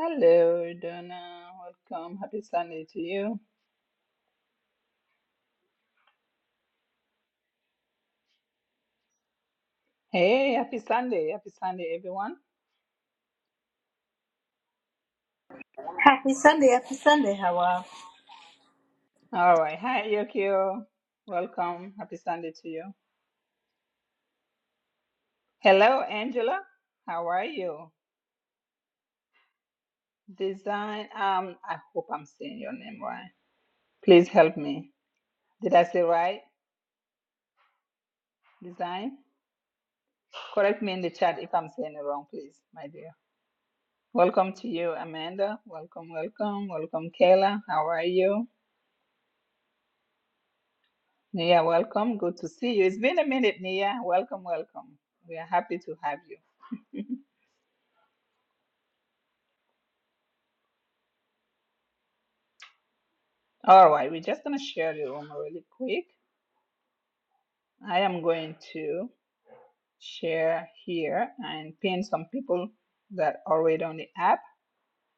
Hello, Donna. Welcome. Happy Sunday to you. Hey, happy Sunday. Happy Sunday, everyone. Happy Sunday, happy Sunday, how are All right. Hi, Yokio. Welcome. Happy Sunday to you. Hello, Angela. How are you? Design. Um, I hope I'm saying your name right. Please help me. Did I say right? Design. Correct me in the chat if I'm saying it wrong, please, my dear. Welcome to you, Amanda. Welcome, welcome, welcome, Kayla. How are you? Nia, welcome. Good to see you. It's been a minute, Nia. Welcome, welcome. We are happy to have you. All right, we're just going to share the room really quick. I am going to share here and pin some people that are already on the app.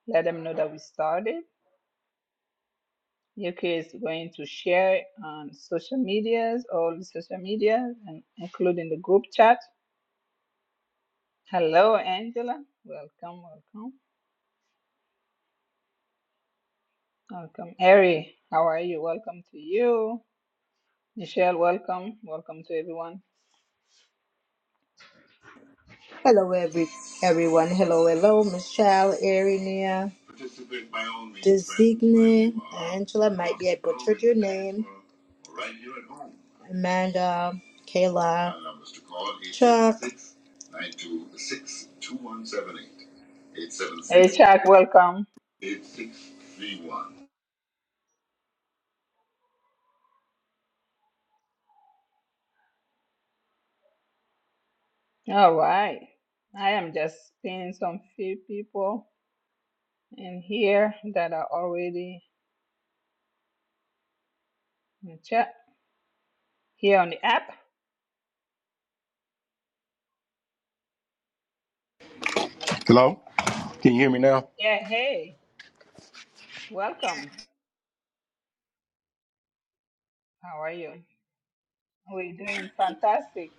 Let them know that we started. Yuki is going to share on social medias, all the social media, and including the group chat. Hello, Angela. Welcome, welcome, welcome. Eri, how are you? Welcome to you. Michelle, welcome. Welcome to everyone. Hello, every everyone. Hello, hello, Michelle, Erinia, Designe, Angela. Might be I butchered your name. Amanda, Kayla, Chuck, Hey, Chuck, welcome. All right. I am just pinning some few people in here that are already in chat here on the app. Hello? Can you hear me now? Yeah, hey, welcome. How are you? We're doing fantastic.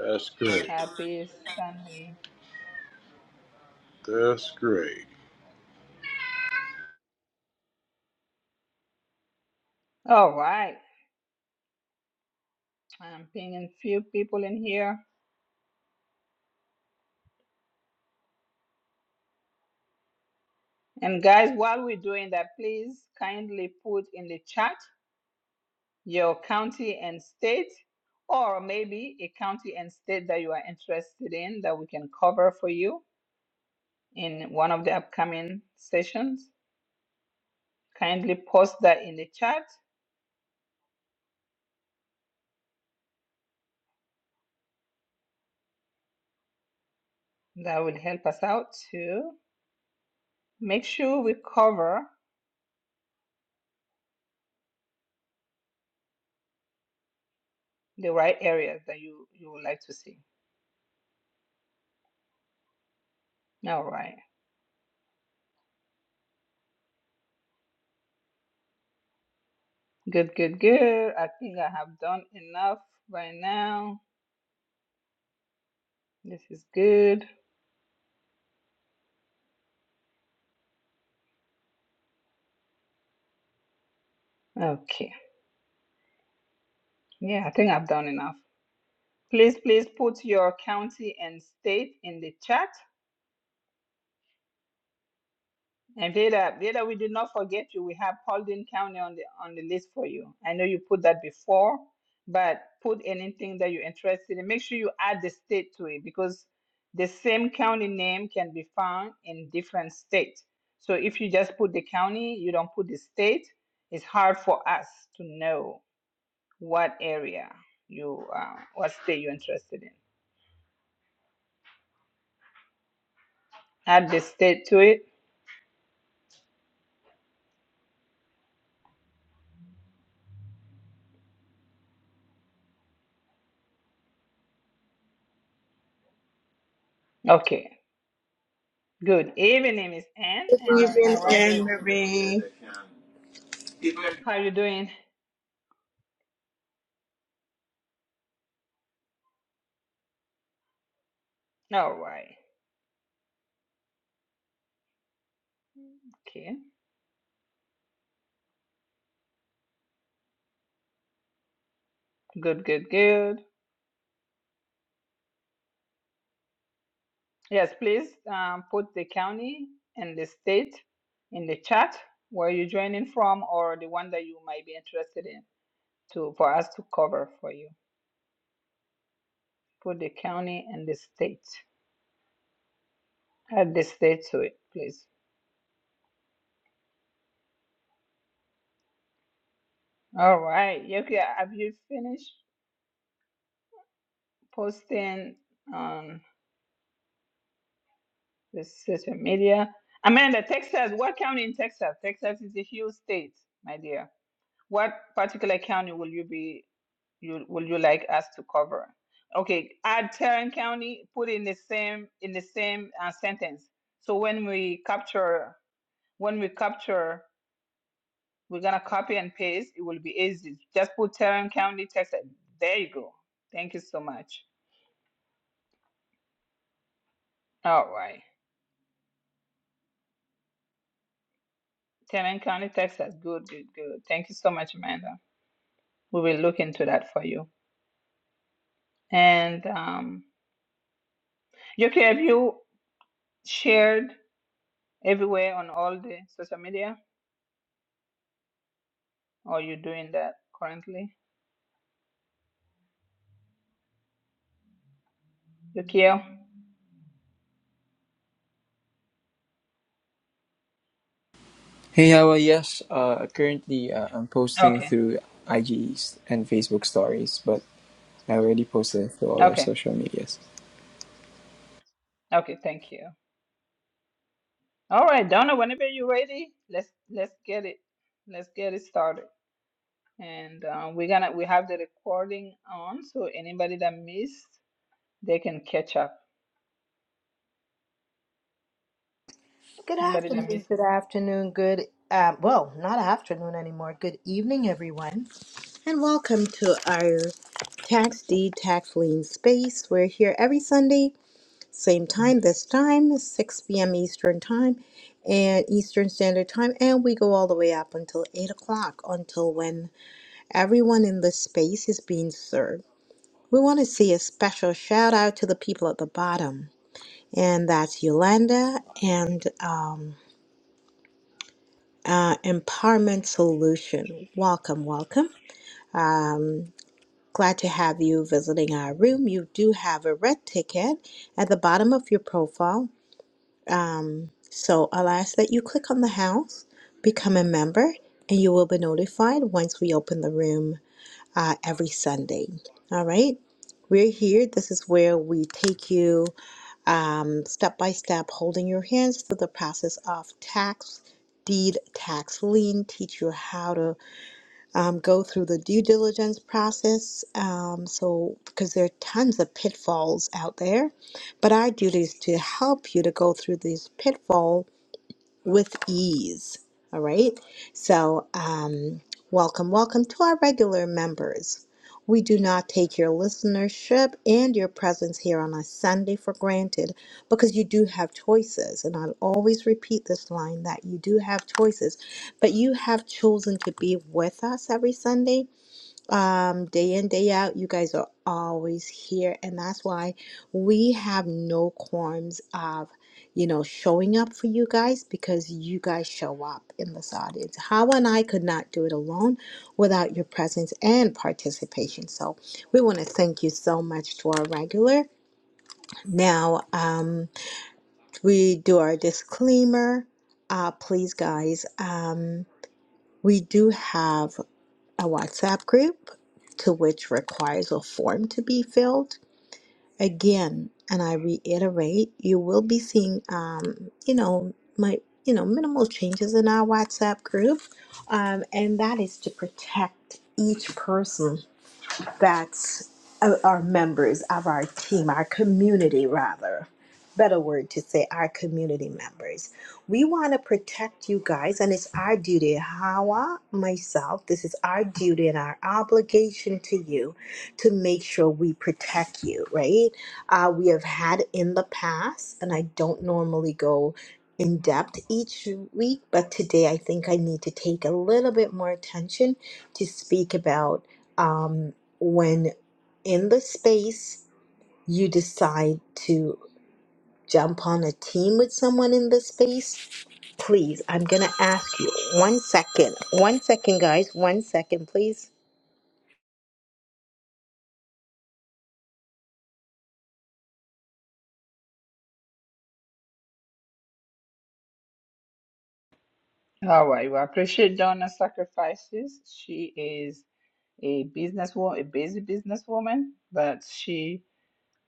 That's great. Happy Sunday. That's great. All right. I'm pinging few people in here. And guys, while we're doing that, please kindly put in the chat your county and state, or maybe a county and state that you are interested in that we can cover for you in one of the upcoming sessions. Kindly post that in the chat. That will help us out to make sure we cover the right areas that you, you would like to see. All right. Good, good, good. I think I have done enough by now. This is good. Okay. Yeah, I think I've done enough. Please, please put your county and state in the chat. And Vida, Vida, we did not forget you. We have Paulding County on the on the list for you. I know you put that before, but put anything that you're interested in. Make sure you add the state to it because the same county name can be found in different states. So if you just put the county, you don't put the state, it's hard for us to know what area you uh, what state you're interested in. Add the state to it. Okay, Good evening, Miss Anne Anne Marie. Stephen, How are you? Anne Marie. How are you doing? All right. Okay. Good, good, good. Yes, please um, put the county and the state in the chat where you're joining from or the one that you might be interested in to for us to cover for you. Put the county and the state. Add the state to it, please. All right. Okay. Have you finished posting? Um, This social media. Amanda, Texas, what county in Texas? Texas is a huge state, my dear. What particular county will you be you will you like us to cover? Okay, add Tarrant County, put in the same in the same uh, sentence. So when we capture when we capture, we're gonna copy and paste. It will be easy. Just put Tarrant County, Texas. There you go. Thank you so much. All right, Tarrant County, Texas. Good, good, good. Thank you so much, Amanda. We will look into that for you. And um, Yoki, have you shared everywhere on all the social media, or you doing that currently? Yokiel? Hey, how are Yes, uh, currently uh, I'm posting Okay, through IGs and Facebook stories, but I already posted through all our okay, social medias. okay. Thank you. All right, Donna. Whenever you're ready, let's let's get it. Let's get it started. And uh, we're gonna we have the recording on, so anybody that missed, they can catch up. Good Anybody that afternoon, missed. good afternoon, good. Uh, well, not afternoon anymore. Good evening, everyone. And welcome to our Tax Deed Tax Lien space. We're here every Sunday, same time this time, 6 p.m. Eastern Time and Eastern Standard Time. And we go all the way up until 8 o'clock, until when everyone in this space is being served. We want to see a special shout out to the people at the bottom. And that's Yolanda and um, uh, Empowerment Solution. Welcome, welcome. Um, Glad to have you visiting our room. You do have a red ticket at the bottom of your profile. Um, so I'll ask that you click on the house, become a member, and you will be notified once we open the room uh, every Sunday. All right. We're here. This is where we take you um, step by step, holding your hands through the process of tax, deed, tax, lien, teach you how to um, go through the due diligence process. Um, so, because there are tons of pitfalls out there, but our duty is to help you to go through these pitfalls with ease. All right. So, um, welcome, welcome to our regular members. We do not take your listenership and your presence here on a Sunday for granted because you do have choices. And I'll always repeat this line that you do have choices, but you have chosen to be with us every Sunday um, day in, day out. You guys are always here, and that's why we have no qualms of, you know, showing up for you guys because you guys show up in this audience. How and I could not do it alone without your presence and participation. So we want to thank you so much to our regular. Now, um, we do our disclaimer. Uh, please, guys. Um, we do have a WhatsApp group to which requires a form to be filled. Again, and I reiterate, you will be seeing, um, you know, my, you know, minimal changes in our WhatsApp group, um, and that is to protect each person that's uh, our members of our team, our community, rather. Better word to say, our community members. We want to protect you guys, and it's our duty. Hawa, myself, this is our duty and our obligation to you to make sure we protect you, right? Uh, we have had in the past, and I don't normally go in depth each week, but today I think I need to take a little bit more attention to speak about. Um, when in the space you decide to jump on a team with someone in the space, please, I'm going to ask you one second. One second, guys. One second, please. All right. We appreciate Donna's sacrifices. She is a businesswoman, a busy businesswoman, but she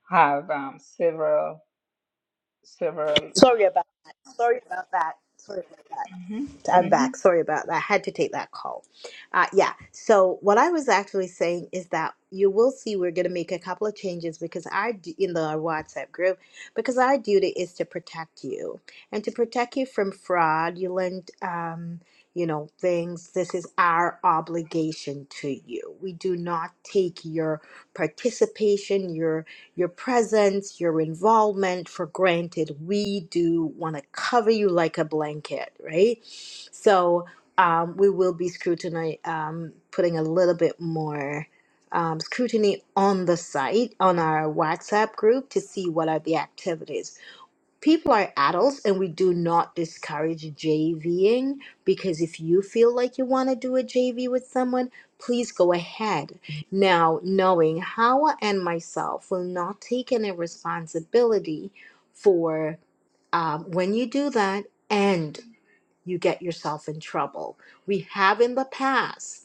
have um, several several. Uh, Sorry about that. Sorry about that. Sorry about that. mhm, I'm mhm. back. Sorry about that. I had to take that call. Uh, yeah. So what I was actually saying is that you will see we're going to make a couple of changes because our d- in the WhatsApp group because our duty is to protect you and to protect you from fraudulent, um, you know, things. This is our obligation to you. We do not take your participation, your your presence, your involvement for granted. We do want to cover you like a blanket, right? So um, we will be scrutiny, um, putting a little bit more um, scrutiny on the site, on our WhatsApp group to see what are the activities. People are adults and we do not discourage JVing because if you feel like you want to do a JV with someone, please go ahead. Now, knowing Hawa and myself will not take any responsibility for um, when you do that and you get yourself in trouble. We have in the past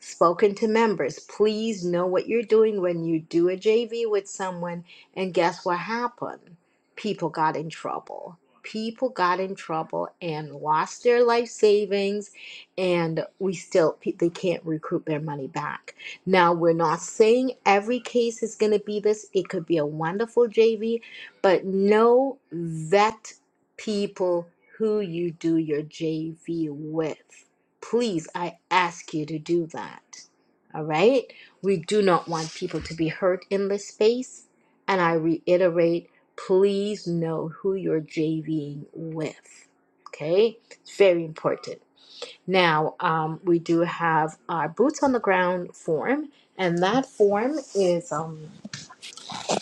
spoken to members. Please know what you're doing when you do a JV with someone. And guess what happened? People got in trouble. People got in trouble and lost their life savings, and we still pe- they can't recoup their money back. Now we're not saying every case is going to be this. It could be a wonderful JV, but know vet people who you do your JV with Please, I ask you to do that. All right? We do not want people to be hurt in this space. And I reiterate, please know who you're JVing with. Okay? It's very important. Now, um, we do have our boots on the ground form, and that form is um,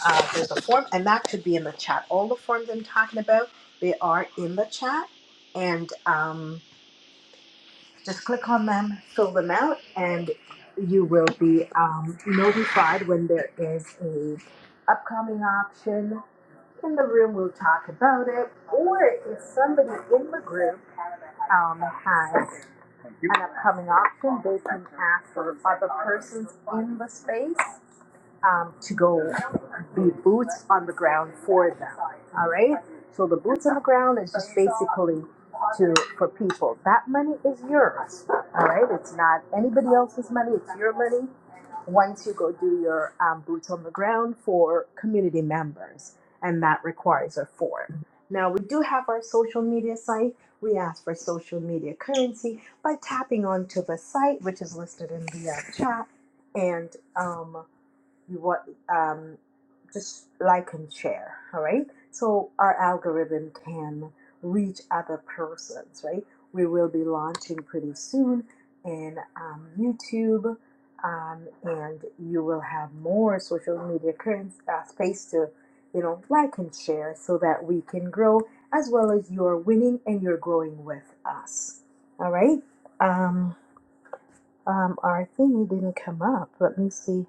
uh, there's a form, and that could be in the chat. All the forms I'm talking about, they are in the chat, and um, just click on them, fill them out, and you will be um, notified when there is a upcoming option. In the room, we'll talk about it. Or if somebody in the group um, has an upcoming option, they can ask for other persons in the space um, to go be boots on the ground for them. All right. So the boots on the ground is just basically to for people. That money is yours. All right. It's not anybody else's money. It's your money. Once you go do your um, boots on the ground for community members, and that requires a form. Now we do have our social media site. We ask for social media currency by tapping onto the site, which is listed in the uh, chat, and. um you want um, just like and share all right so our algorithm can reach other persons right we will be launching pretty soon in um, youtube um, and you will have more social media current uh, space to you know like and share so that we can grow as well as you're winning and you're growing with us all right um, um, our thingy didn't come up let me see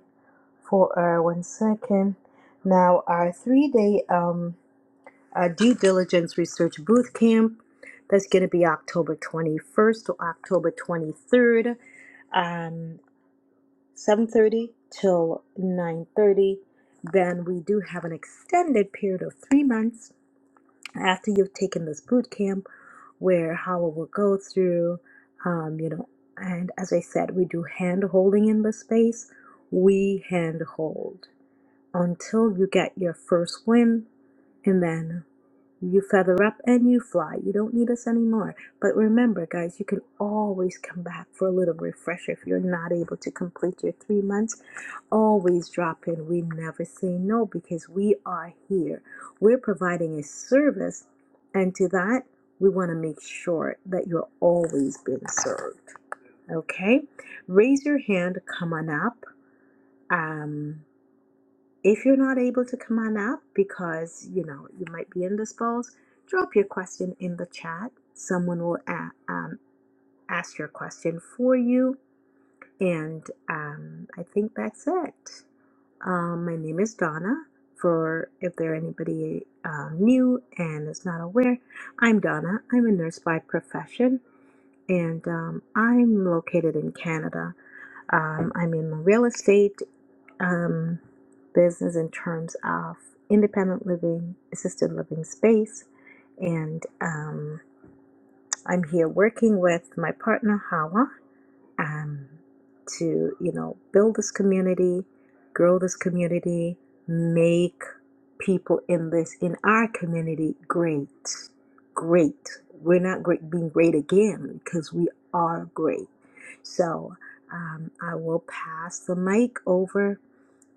for uh, one second. Now, our three day um, uh, due diligence research boot camp that's going to be October 21st to October 23rd, um, 7:30 till 9:30. Then we do have an extended period of three months after you've taken this boot camp, where how it will go through, um, you know. And as I said, we do hand holding in the space. We hand hold until you get your first win and then you feather up and you fly. You don't need us anymore. But remember, guys, you can always come back for a little refresher if you're not able to complete your three months. Always drop in. We never say no because we are here. We're providing a service, and to that, we want to make sure that you're always being served. Okay? Raise your hand, come on up. Um. If you're not able to come on up because, you know, you might be indisposed, drop your question in the chat. Someone will a- um, ask your question for you. And um, I think that's it. Um, my name is Donna. For if there anybody um, new and is not aware, I'm Donna. I'm a nurse by profession, and um, I'm located in Canada. Um, I'm in the real estate um, business in terms of independent living, assisted living space, and um, I'm here working with my partner Hawa um, to you know build this community, grow this community, make people in this in our community great, great. We're not great being great again because we are great. So um, I will pass the mic over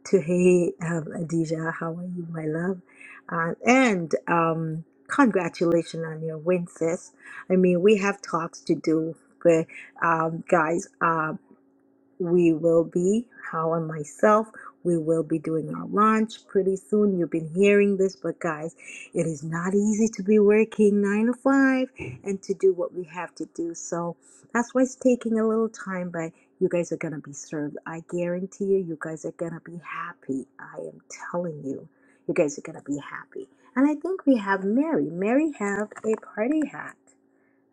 to hey um, Adija. How are you, my love? Uh, and um, congratulations on your win, sis. I mean, we have talks to do, but um, guys. Um, we will be, how and myself, we will be doing our launch pretty soon. You've been hearing this, but guys, it is not easy to be working nine to five and to do what we have to do. So that's why it's taking a little time, but you guys are going to be served. I guarantee you, you guys are going to be happy. I am telling you, you guys are going to be happy. And I think we have Mary. Mary have a party hat.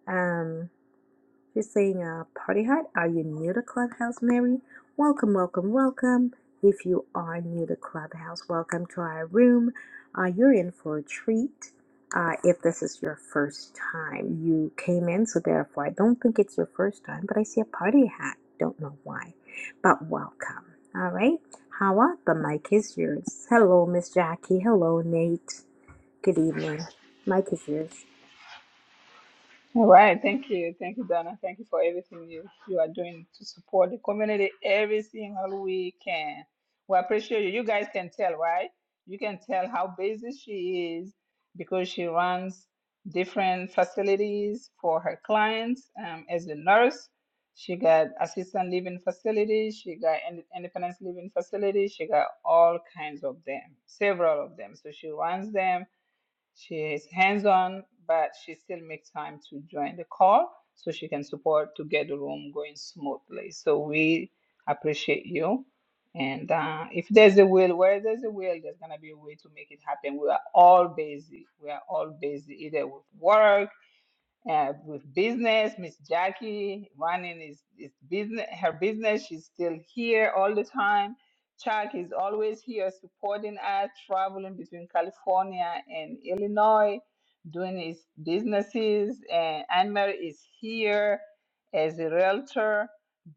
Um. If You're saying, uh, Party Hut, are you new to Clubhouse, Mary? Welcome, welcome, welcome. If you are new to Clubhouse, welcome to our room. Uh, you're in for a treat. Uh, if this is your first time, you came in, so therefore, I don't think it's your first time, but I see a party hat. Don't know why, but welcome. All right. Hawa, the mic is yours. Hello, Miss Jackie. Hello, Nate. Good evening. Mic is yours. All right, thank you, thank you, Donna. Thank you for everything you, you are doing to support the community every single weekend. We appreciate you. You guys can tell, right? You can tell how busy she is because she runs different facilities for her clients um, as a nurse. She got assistant living facilities, she got ind- independence living facilities, she got all kinds of them, several of them. So she runs them she is hands-on, but she still makes time to join the call so she can support to get the room going smoothly. So we appreciate you. And uh, if there's a will, where there's a will, there's gonna be a way to make it happen. We are all busy. We are all busy, either with work, uh, with business. Miss Jackie running is, is business her business. She's still here all the time. Chuck is always here supporting us, traveling between California and Illinois, doing his businesses. And Anne Mary is here as a realtor.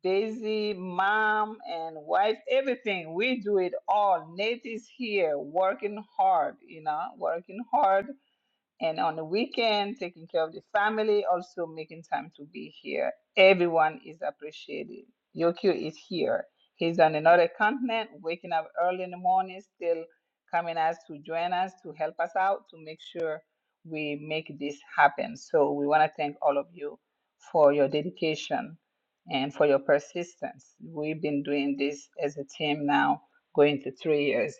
Daisy, mom, and wife, everything. We do it all. Nate is here working hard, you know, working hard and on the weekend, taking care of the family, also making time to be here. Everyone is appreciated. Yokio is here. He's on another continent, waking up early in the morning, still coming us to join us to help us out to make sure we make this happen. So we want to thank all of you for your dedication and for your persistence. We've been doing this as a team now, going to three years.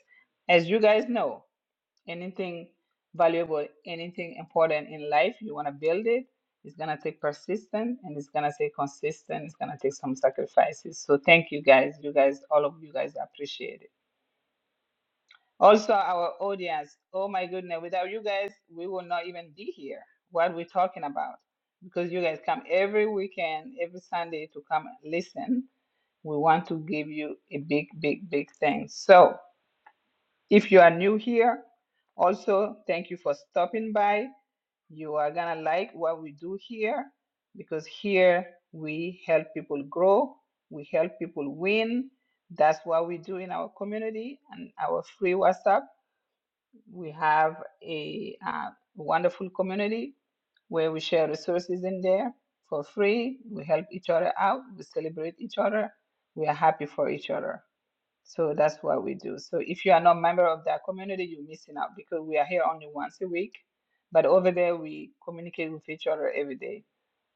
As you guys know, anything valuable, anything important in life, you want to build it, it's going to take persistence and it's going to take consistent. It's going to take some sacrifices. So thank you guys. You guys, all of you guys I appreciate it. Also, our audience, oh my goodness, without you guys, we will not even be here. What we're talking about. Because you guys come every weekend, every Sunday to come and listen. We want to give you a big, big, big thanks. So if you are new here, also, thank you for stopping by. You are going to like what we do here because here we help people grow, we help people win. That's what we do in our community and our free WhatsApp. We have a uh, wonderful community where we share resources in there for free. We help each other out, we celebrate each other, we are happy for each other. So that's what we do. So if you are not a member of that community, you're missing out because we are here only once a week. But over there, we communicate with each other every day.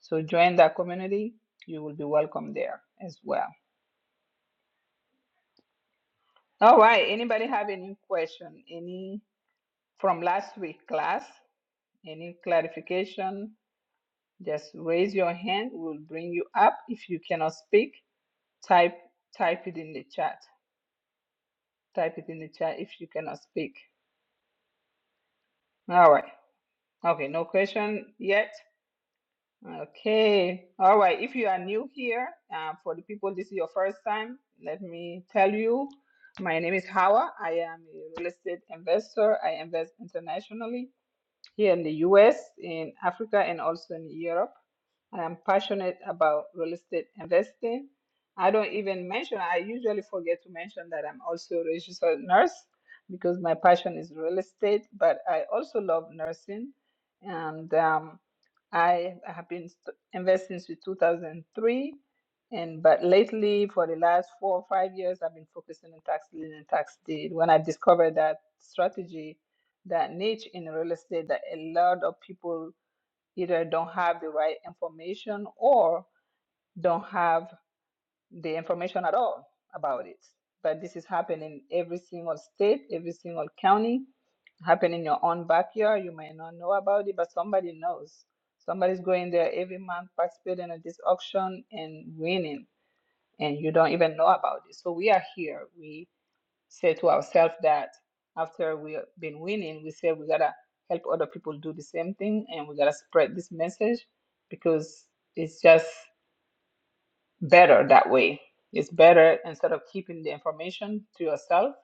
So join that community. You will be welcome there as well. All right. Anybody have any question? Any from last week class? Any clarification? Just raise your hand. We'll bring you up. If you cannot speak, type type it in the chat. Type it in the chat if you cannot speak. All right. Okay, no question yet. Okay. All right. If you are new here, uh, for the people, this is your first time, let me tell you, my name is Hawa. I am a real estate investor. I invest internationally here in the US, in Africa, and also in Europe. I am passionate about real estate investing. I don't even mention, I usually forget to mention that I'm also a registered nurse because my passion is real estate, but I also love nursing. And um, I have been st- investing since 2003. And but lately, for the last four or five years, I've been focusing on tax lien and tax deed. When I discovered that strategy, that niche in real estate that a lot of people either don't have the right information or don't have the information at all about it. But this is happening in every single state, every single county, happen in your own backyard. You might not know about it, but somebody knows. Somebody's going there every month, participating in this auction and winning, and you don't even know about it. So we are here. We say to ourselves that after we've been winning, we say we gotta help other people do the same thing and we gotta spread this message because it's just better that way. It's better instead of keeping the information to yourself,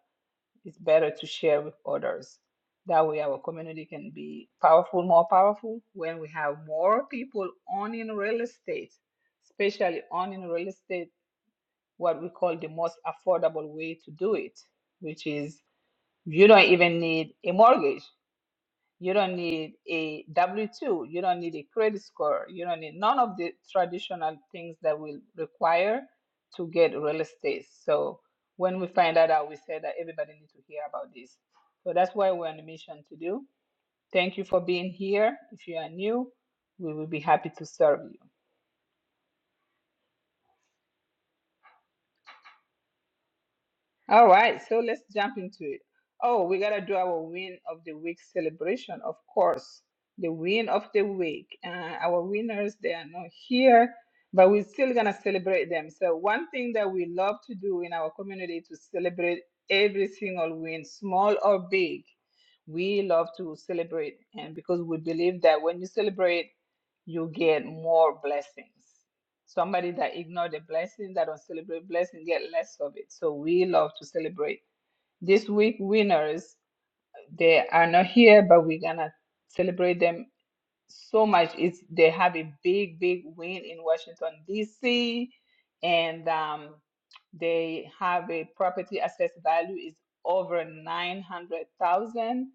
it's better to share with others. That way, our community can be powerful, more powerful when we have more people owning real estate, especially owning real estate, what we call the most affordable way to do it, which is you don't even need a mortgage. You don't need a W 2. You don't need a credit score. You don't need none of the traditional things that we require to get real estate. So when we find that out, we say that everybody needs to hear about this. So that's why we're on a mission to do. Thank you for being here. If you are new, we will be happy to serve you. All right, so let's jump into it. Oh, we gotta do our win of the week celebration, of course. The win of the week. Uh, our winners, they are not here, but we're still gonna celebrate them. So one thing that we love to do in our community to celebrate every single win, small or big. We love to celebrate, and because we believe that when you celebrate, you get more blessings. Somebody that ignored a blessing, that don't celebrate blessing, get less of it. So we love to celebrate. This week winners, they are not here, but we're gonna celebrate them so much. It's they have a big, big win in Washington D.C. and um, they have a property assessed value is over nine hundred thousand,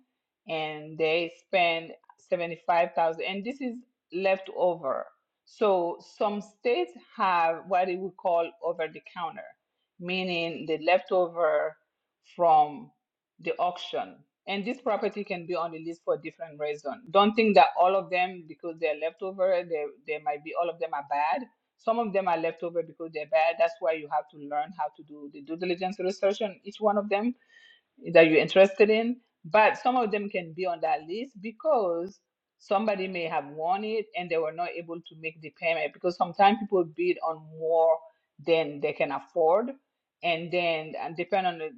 and they spend seventy five thousand, and this is left over. So some states have what we call over the counter, meaning the leftover from the auction. And this property can be on the list for different reasons. Don't think that all of them, because they're leftover, they, they might be all of them are bad. Some of them are leftover because they're bad. That's why you have to learn how to do the due diligence research on each one of them that you're interested in, but some of them can be on that list because somebody may have won it and they were not able to make the payment because sometimes people bid on more than they can afford and then and depend on the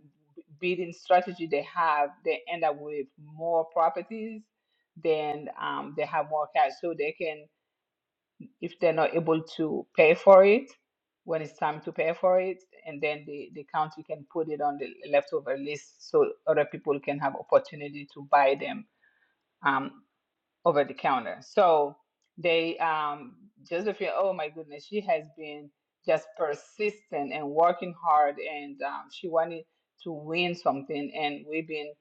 bidding strategy they have they end up with more properties than um, they have more cash so they can if they're not able to pay for it when it's time to pay for it and then the, the county can put it on the leftover list so other people can have opportunity to buy them Um, over the counter. So they um Josephine, oh my goodness, she has been just persistent and working hard and um, she wanted to win something and we've been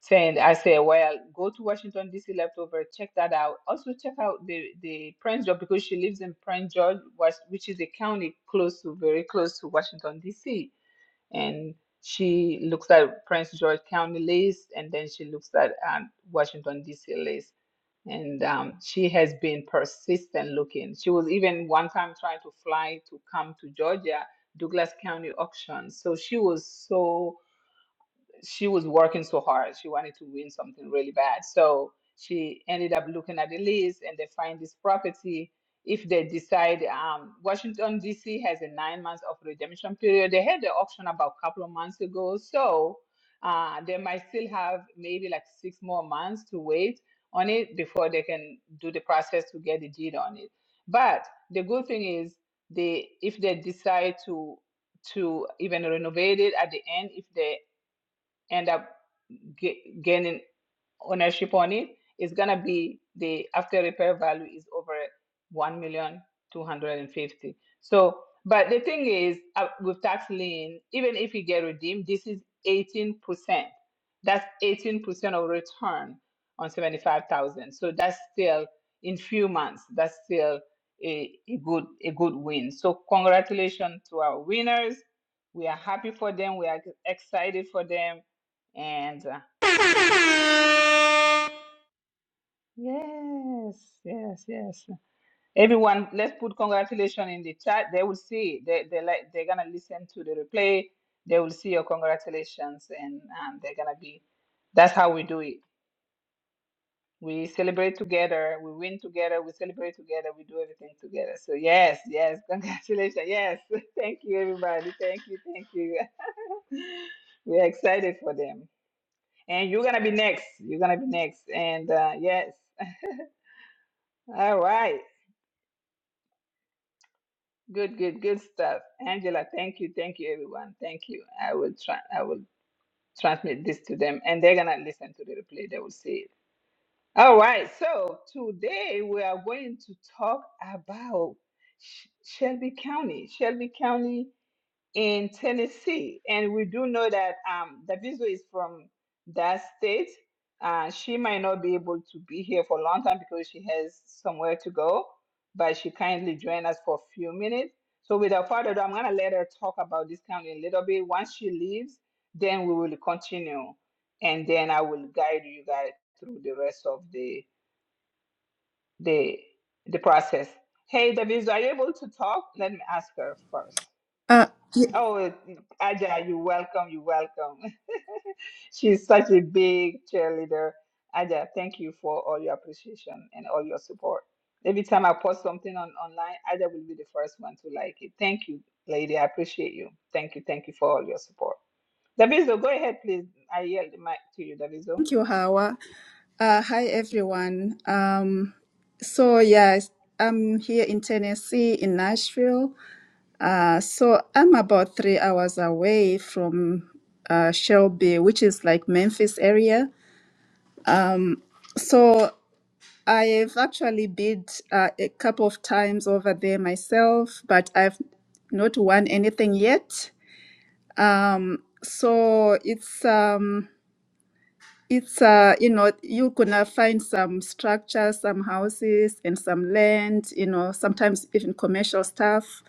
saying I said, well, go to Washington DC leftover, check that out. Also check out the the Prince George because she lives in Prince George, was- which is a county close to very close to Washington DC. And she looks at Prince George County list and then she looks at um, Washington DC list and um, she has been persistent looking. She was even one time trying to fly to come to Georgia, Douglas County auction. So she was so she was working so hard. She wanted to win something really bad. So she ended up looking at the list and they find this property. If they decide, um, Washington, D.C. has a nine months of redemption period. They had the auction about a couple of months ago. So uh, they might still have maybe like six more months to wait on it before they can do the process to get the deed on it. But the good thing is, they if they decide to to even renovate it at the end, if they end up ga- gaining ownership on it, it is going to be the after repair value is over one million two hundred and fifty. So, but the thing is, uh, with tax lien, even if you get redeemed, this is 18%. That's 18% of return on 75,000. So that's still in few months. That's still a, a good a good win. So congratulations to our winners. We are happy for them. We are excited for them and. uh, Yes, yes, yes. Everyone, let's put congratulations in the chat. They will see. They they like they're gonna listen to the replay. They will see your congratulations, and um, they're gonna be. That's how we do it. We celebrate together. We win together. We celebrate together. We do everything together. So yes, yes, congratulations. Yes, thank you, everybody. Thank you, thank you. We're excited for them, and you're gonna be next. You're gonna be next, and uh, yes. All right. Good, good, good stuff. Angela, thank you. Thank you, everyone. Thank you. I will try I will transmit this to them and they're gonna listen to the replay. They will see it. All right, so today we are going to talk about Sh- Shelby County. Shelby County in Tennessee. And we do know that um, Daviso is from that state. Uh, she might not be able to be here for a long time because she has somewhere to go, but she kindly joined us for a few minutes. So, without further ado, I'm going to let her talk about this county a little bit. Once she leaves, then we will continue, and then I will guide you guys through the rest of the the the process. Hey, Daviso, are you able to talk? Let me ask her first. Uh, yeah, Oh, Aja, you're welcome. You're welcome. She's such a big cheerleader. Aja, thank you for all your appreciation and all your support. Every time I post something on online, Aja will be the first one to like it. Thank you, lady. I appreciate you. Thank you. Thank you for all your support. Daviso, go ahead, please. I yield the mic to you, Daviso. thank you, Hawa. Uh, hi, everyone. Um, so, yes, I'm here in Tennessee, in Nashville. Uh, so, I'm about three hours away from uh, Shelby, which is like Memphis area. Um, so, I've actually been uh, a couple of times over there myself, but I've not won anything yet. Um, so, it's. Um, It's uh, you know, you gonna find some structures, some houses, and some land. You know, sometimes even commercial stuff.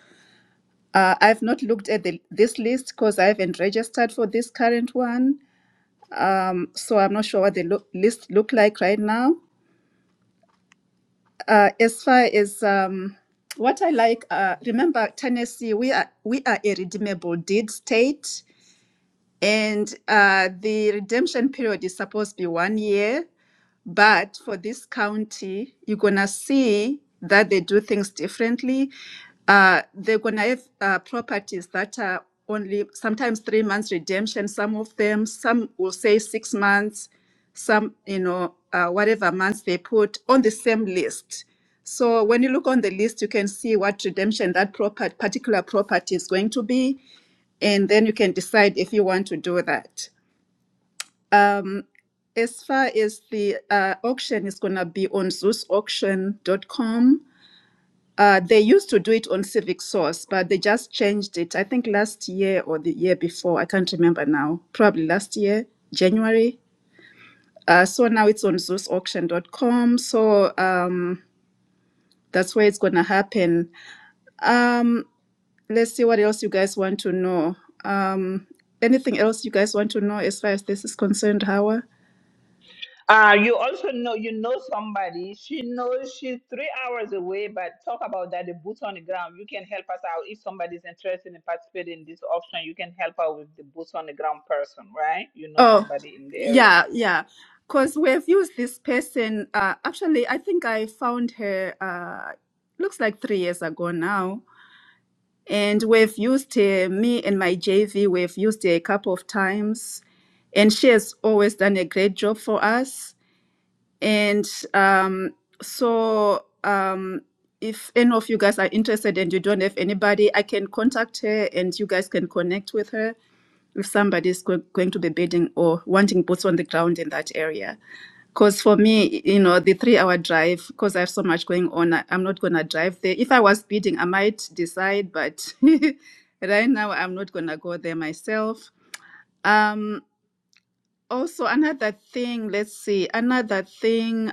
Uh, I've not looked at the, this list because I haven't registered for this current one. Um, so I'm not sure what the lo- list look like right now. Uh, as far as um, what I like, uh, remember Tennessee, we are we are a redeemable deed state. And uh, the redemption period is supposed to be one year. But for this county, you're going to see that they do things differently. Uh, they're going to have uh, properties that are only sometimes three months redemption, some of them, some will say six months, some, you know, uh, whatever months they put on the same list. So when you look on the list, you can see what redemption that proper, particular property is going to be and then you can decide if you want to do that. Um, as far as the uh, auction is going to be on ZeusAuction.com, uh, they used to do it on Civic Source, but they just changed it. I think last year or the year before, I can't remember now. Probably last year, January. Uh, so now it's on ZeusAuction.com. So um, that's where it's going to happen. Um, let's see what else you guys want to know. Um, anything else you guys want to know as far as this is concerned, Hawa? Uh, you also know you know somebody. She knows she's three hours away, but talk about that. The boots on the ground. You can help us out if somebody's interested in participating in this auction. You can help out with the boots on the ground person, right? You know Oh, somebody in the area. yeah, yeah. Because we've used this person. Uh, actually, I think I found her. Uh, looks like three years ago now, and we've used her. Me and my JV, we've used her a couple of times, and she has always done a great job for us And um, so, um, if any of you guys are interested and you don't have anybody, I can contact her and you guys can connect with her if somebody is go- going to be bidding or wanting boots on the ground in that area. Because for me, you know, the three hour drive, because I have so much going on, I, I'm not going to drive there. If I was bidding, I might decide, but right now I'm not going to go there myself. Um, also, another thing, let's see, another thing.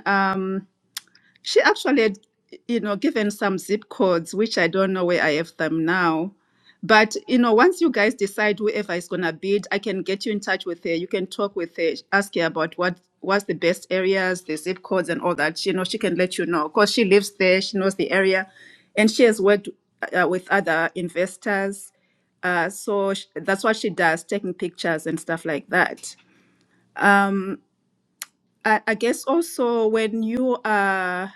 She actually, had, you know, given some zip codes, which I don't know where I have them now. But, you know, once you guys decide whoever is going to bid, I can get you in touch with her. You can talk with her, ask her about what what's the best areas, the zip codes, and all that. You know, she can let you know because she lives there, she knows the area, and she has worked uh, with other investors. Uh, so sh- that's what she does, taking pictures and stuff like that. I, I guess also when you are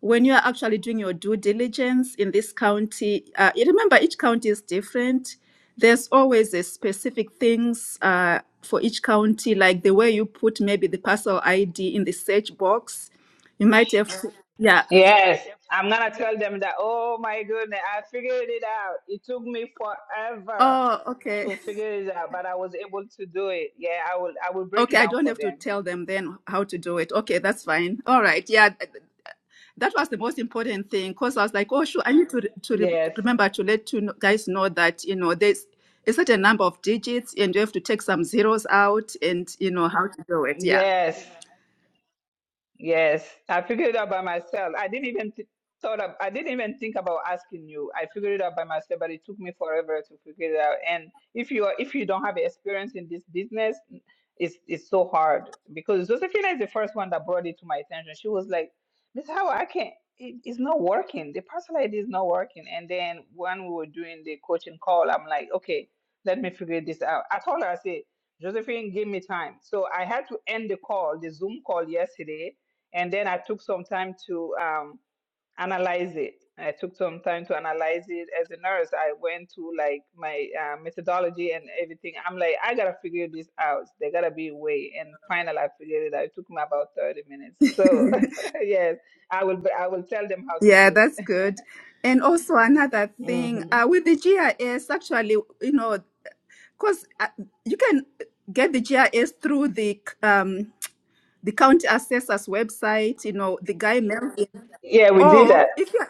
when you are actually doing your due diligence in this county, uh, you remember each county is different. There's always a specific things uh, for each county, like the way you put maybe the parcel ID in the search box. You might have, to, yeah. Yes, I'm gonna tell them that. Oh my goodness, I figured it out. It took me forever Oh, okay. to figure it out, but I was able to do it. Yeah, I will. I will break it Okay, I down don't for have to them. tell them then how to do it. Okay, that's fine. All right. Yeah, that was the most important thing because I was like, oh, sure, I need to re- to rem Yes, remember to let you kn- guys know that you know there's a certain number of digits and you have to take some zeros out and you know how to do it. Yeah, yes. Yes, I figured it out by myself. I didn't even th- thought of, I didn't even think about asking you. I figured it out by myself, but it took me forever to figure it out. And if you are, if you don't have experience in this business, it's it's so hard because Josephina is the first one that brought it to my attention. She was like, "Miss Howard, I can't. It, it's not working. The parcel ID is not working." And then when we were doing the coaching call, I'm like, "Okay, let me figure this out." I told her, I said. Josephine, give me time. So I had to end the call, the Zoom call yesterday, and then I took some time to um, analyze it. I took some time to analyze it as a nurse. I went to like my uh, methodology and everything. I'm like, I gotta figure this out. There gotta be a way. And finally, I figured it out. It took me about 30 minutes. So yes, I will. be- I will tell them how to yeah, do that's it. good. And also another thing hmm uh, with the GIS, actually, you know, because uh, you can get the GIS through the um, the county assessor's website. You know, the guy mailed it. Yeah, we did Or that. if you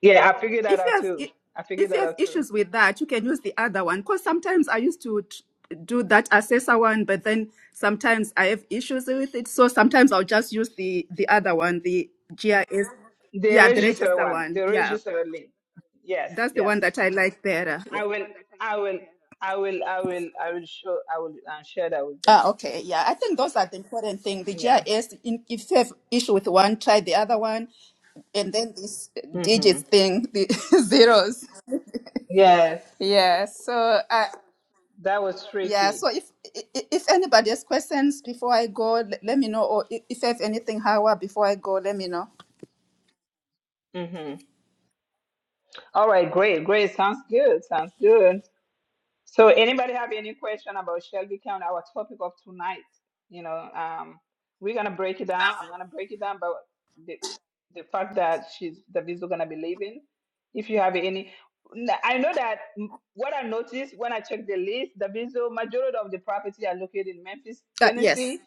Yeah, I figured that if you out have too. i- I figured if you that have out too. issues with that you can use the other one because sometimes i used to t- do that assessor one but then sometimes i have issues with it so sometimes i'll just use the the other one the gis The yeah the register register one, one the yeah register link. Yes, that's the yes. one that i like better yeah. I will, I will, I will, I will, I will show, I will uh, share that with ah them. okay yeah i think those are the important thing the Yeah. gis in, if you have issue with one try the other one and then this Mm-hmm. digits thing the zeros Yes, yeah so I, that was Yeah, tricky. so if i- i- if anybody has questions before I go, l- let me know. Or i- if I have anything, Hawa, before I go, let me know. Mm-hmm. All right, great, great. Sounds good. Sounds good. So anybody have any question about Shelby County, our topic of tonight? You know, um, we're gonna break it down. I'm gonna break it down about the the fact that she's the visa gonna be leaving. If you have any, N- I know that mm, what I noticed when I checked the list, the visa majority of the property are located in Memphis, Uh, yes. Tennessee,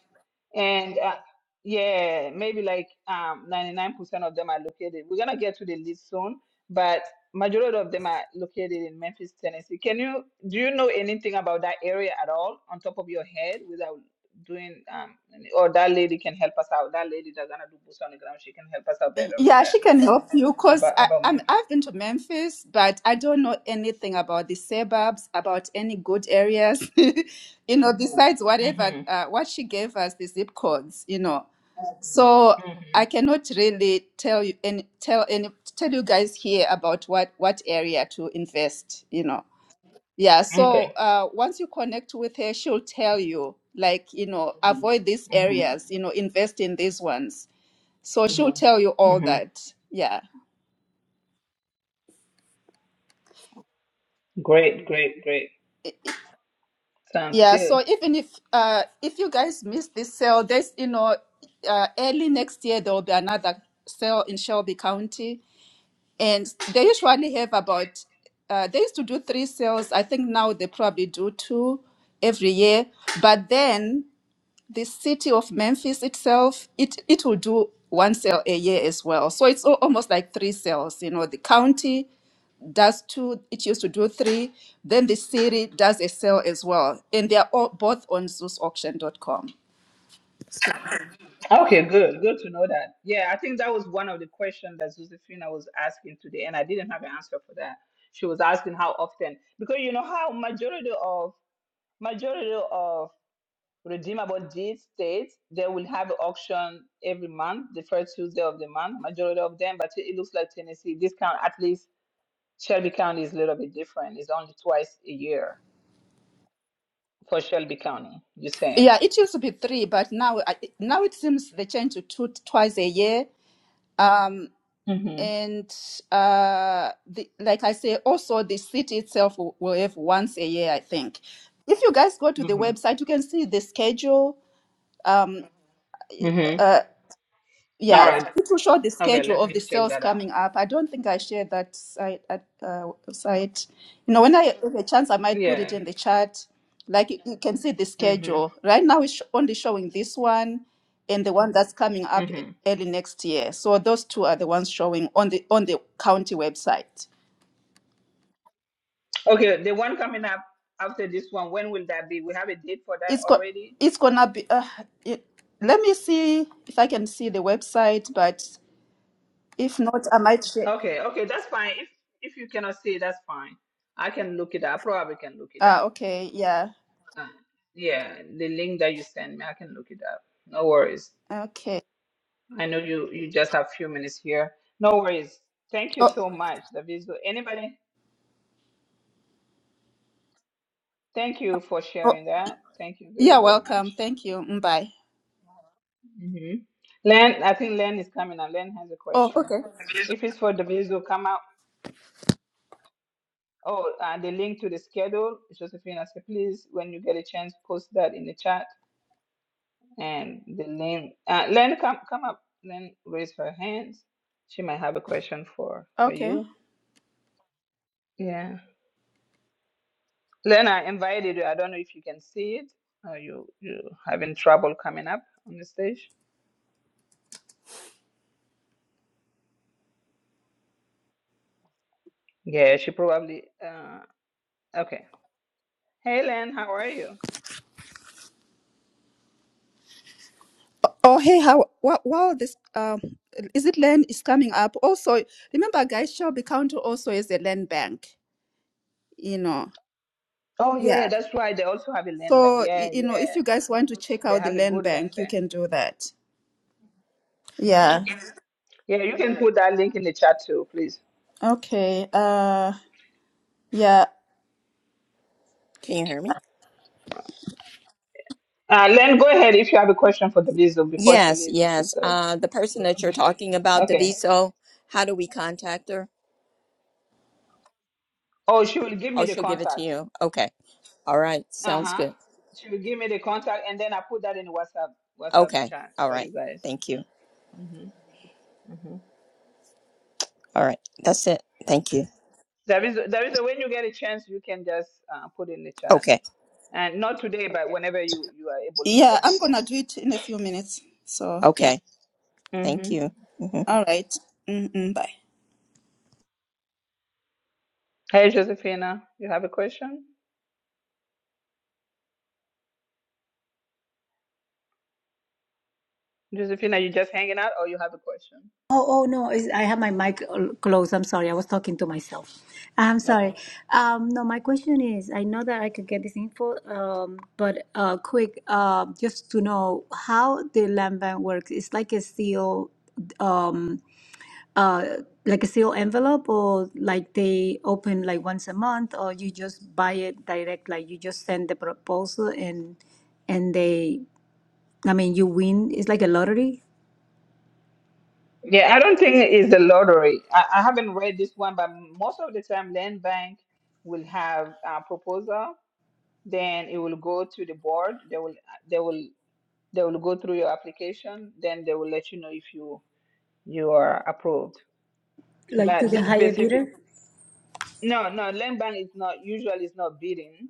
and uh, yeah, maybe like um 99% of them are located. We're gonna get to the list soon, but Majority of them are located in Memphis, Tennessee. Can you do you know anything about that area at all on top of your head without doing um any- or that lady can help us out. That lady that's gonna do boots on the ground, she can help us out Y- better with Yeah, she that can help you because about I about I'm Memphis. I've been to Memphis, but I don't know anything about the suburbs, about any good areas, you know, besides whatever Mm-hmm. uh, what she gave us the zip codes, you know. So I Mm-hmm. cannot really tell you any tell any tell you guys here about what what area to invest, you know. Yeah, Okay. so uh, once you connect with her, she'll tell you, like, you know, Mhm. avoid these areas, Mm-hmm. you know, invest in these ones. So she'll Mhm. tell you all Mm-hmm. that. Yeah. Great, great, great. Sounds Yeah, good. so even if uh, if you guys miss this sale, there's, you know, uh, early next year there will be another sale in Shelby County. And they usually have about, uh, they used to do three sales. I think now they probably do two every year. But then the city of Memphis itself, it, it will do one sale a year as well. So it's al- almost like three sales. You know, the county does two, it used to do three, then the city does a sale as well. And they are all, both on ZeusAuction.com. Okay, good. Good to know that. Yeah, I think that was one of the questions that Josephina was asking today, and I didn't have an answer for that. She was asking how often, because you know how majority of Majority of redeemable deeds states they will have an auction every month, the first Tuesday of the month, majority of them, but it looks like Tennessee, this county, at least Shelby County is a little bit different. It's only twice a year for Shelby County, you're saying? Yeah, it used to be three, but now I- now it seems they change to two twice a year. Um, Mm-hmm. and uh the, like i say also the city itself will, will have once a year i think if you guys go to the Mm-hmm. website you can see the schedule um Mm-hmm. uh All yeah right. it will show the Okay, schedule let of the me check sales that out. coming up i don't think i shared that site at uh, site you know when i have a chance i might put it Yeah. in the chat like you, you can see the Mm-hmm. schedule right now it's only showing this one and the one that's coming up e-, Mm-hmm. early next year so those two are the ones showing on the on the county website Okay, the one coming up after this one, when will that be? We have a date for that it's go, already? it's gonna be. Uh, it, let me see if I can see the website, but if not, I might share. Okay, okay, that's fine. If if you cannot see, that's fine. I can look it up. Probably can look it Ah, up. okay, yeah, Uh, yeah, the link that you send me, I can look it up. No worries. okay. I know you you just have few minutes here. No worries. Thank you Oh, so much, Daviso. Anybody? Thank you for oh, sharing that. Thank you very yeah, very much. welcome. Thank you. Mm, Bye. Mm-hmm. Len, I think Len is coming. Now Len has a Oh, question. okay, If it's for Daviso, come out. Oh, uh, the link to the schedule, Josephine. I said, please, when you get a chance, post that in the chat And the Lynn, uh, Lynn, come come up. Lynn, raise her hands. She might have a question for for okay. you. Yeah, Lynn, I invited you. I don't know if you can see it. Or you you having trouble coming up on the stage? Yeah, she probably. Uh, okay. Hey, Lynn, how are you? Oh, hey, how? Wow, wow this um, is it land is coming up. Also, remember, guys, Shelby County also is a land bank. You know, Oh yeah. yeah, that's why they also have a Lynn van. So y- Yeah, you know, if yeah, you guys want to check they out the have a land good Lynn bank, you can van. do that. Yeah. hmm Yeah, you can put that link in the chat too, please. Okay. Uh. Yeah. Can you hear me? Uh, Len, go ahead if you have a question for the visa before she Yes, leaves. She's yes. got Uh, the person that you're to. talking about, Okay. Daviso, how do we contact her? Oh, she will give me Oh, the she'll give it to contact. you. Okay. All right. Uh Sounds huh. good. She will give me the contact, and then I put that in WhatsApp WhatsApp Okay. chat All for right. you guys. Thank you. Mm-hmm. Mm-hmm. All right. That's it. Thank you. There is there is a when you get a chance, you can just uh, put in the chat, Okay. and not today, but whenever you you are able to. That Yeah, I'm is all. gonna do it in a few minutes. So yeah, Okay. Thank Mm-hmm. you. Mhm. all right. Mm-mm, bye. Hey, Josephina, you have a question? Josephina, you just hanging out, or you have a question? Oh, oh no, it's, I have my mic uh, closed. I'm sorry. I was talking to myself. I'm sorry. Okay. Um, no, my question is, I know that I could get this info, um, but uh, quick, uh, just to know how the land bank works. It's like a seal, um, uh, like a seal envelope, or like they open like once a month, or you just buy it direct, like you just send the proposal and and they, I mean, you win. It's like a lottery, Yeah, I don't think it's the lottery. I, I haven't read this one, but most of the time, Land Bank will have a proposal then it will go to the board they will they will they will go through your application then they will let you know if you you are approved like to but the this higher specific bidder. no no land bank is not usually it's not bidding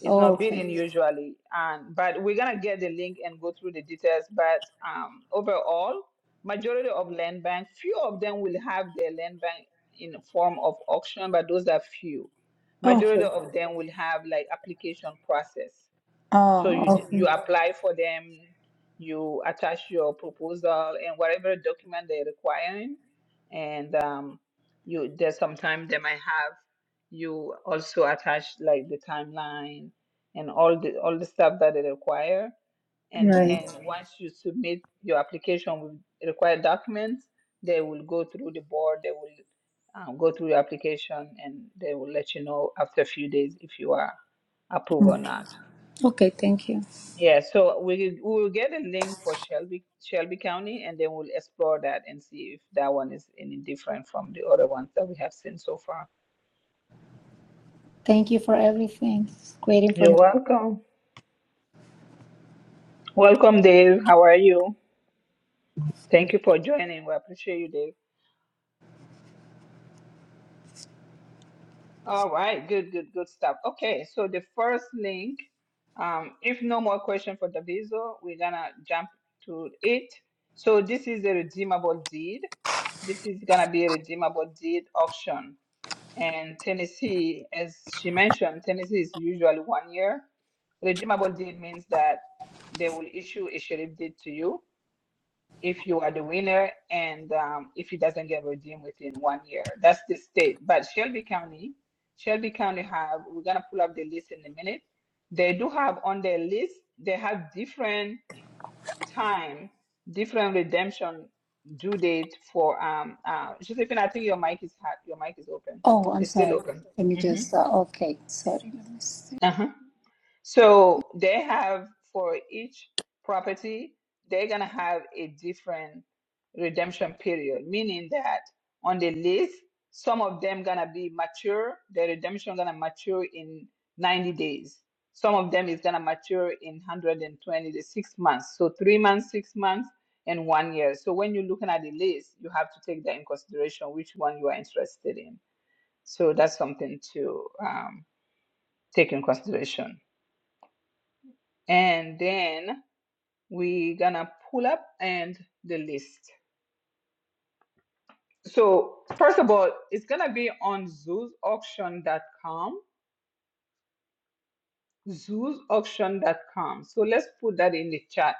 it's Oh, not okay. bidding usually and but we're gonna get the link and go through the details but um overall majority of land bank few of them will have their land bank in the form of auction but those are few Okay. majority of them will have like application process So Oh, you d- you okay. apply for them, you attach your proposal and whatever document they're requiring, and um, you there's sometimes they might have. You also attach like the timeline and all the all the stuff that they require. And Right. then once you submit your application with required documents, they will go through the board. They will um, go through your application and they will let you know after a few days if you are approved or not. Okay, thank you. Yeah, so we we will get a link for Shelby Shelby County, and then we'll explore that and see if that one is any different from the other ones that we have seen so far. Thank you for everything. Great You're information. welcome. Welcome, Dave. How are you? Thank you for joining. We appreciate you, Dave. All right, good, good, good stuff. Okay, so the first link, um, if no more question for Daviso, we're gonna jump to it. So this is a redeemable deed. This is gonna be a redeemable deed auction. And Tennessee, as she mentioned, Tennessee is usually one year. Redeemable deed means that they will issue a sheriff deed to you if you are the winner and um, if it doesn't get redeemed within one year. That's the state. But Shelby County, Shelby County have, we're going to pull up the list in a minute. They do have on their list, they have different time, different redemption due date for um uh Josephine, I think your mic is hot. Your mic is open. Oh, I'm It's still sorry. open. Let me Mm-hmm. just. Uh, okay, sorry. Let me see. Uh-huh. So they have for each property, they're gonna have a different redemption period, meaning that on the list, some of them gonna be mature, the redemption gonna mature in 90 days. Some of them is gonna mature in 120, the six months. So three months, six months, and one year. So when you're looking at the list, you have to take that in consideration which one you are interested in. So that's something to um, take in consideration and then we're gonna pull up and the list. So first of all, it's gonna be on zoos auction dot com, zoos auction dot com. So let's put that in the chat.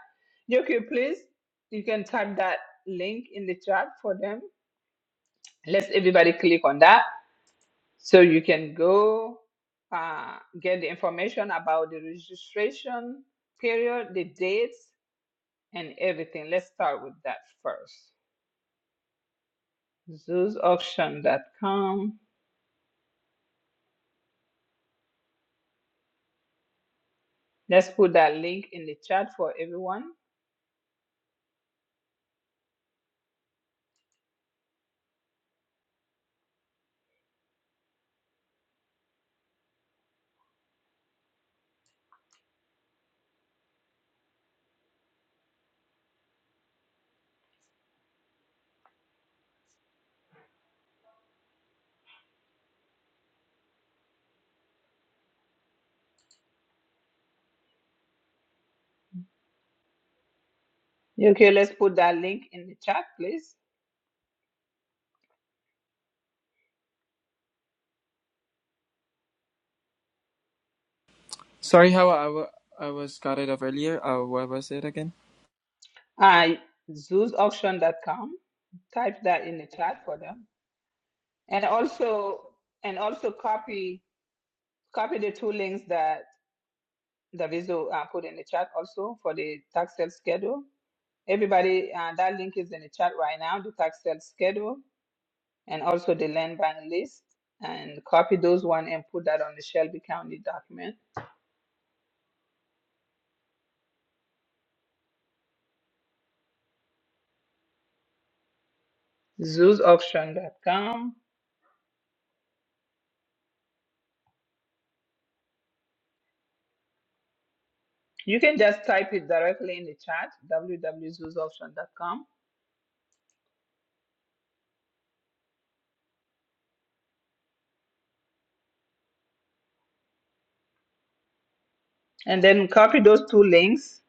Yoki, please, you can type that link in the chat for them. Let's everybody click on that so you can go uh, get the information about the registration period, the dates, and everything. Let's start with that first. zoosauction.com. Let's put that link in the chat for everyone. Okay, let's put that link in the chat, please. Sorry, how I wa- I was cut it off earlier. Uh, what was it again? Uh, zoosauction.com. Type that in the chat for them, and also and also copy copy the two links that Daviso uh, put in the chat also for the tax sale schedule. Everybody, uh, that link is in the chat right now. The tax sale schedule and also the land bank list and copy those one and put that on the Shelby County document. ZoosAuction.com. You can just type it directly in the chat, www.zoosauction.com, and then copy those two links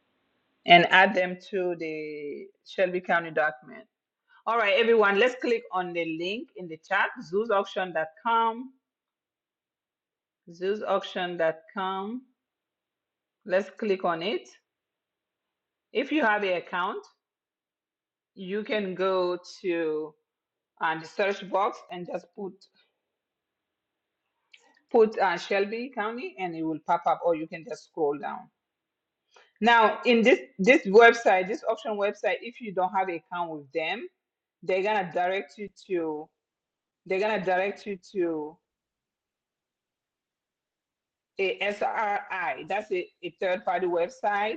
and add them to the Shelby County document. All right, everyone, let's click on the link in the chat, zoosauction.com, zoosauction.com. Let's click on it. If you have an account, you can go to and the search box and just put put uh, Shelby County and it will pop up or you can just scroll down. Now in this this website, this option website, if you don't have account with them, they're gonna direct you to they're gonna direct you to ASRI. That's a, a third party website.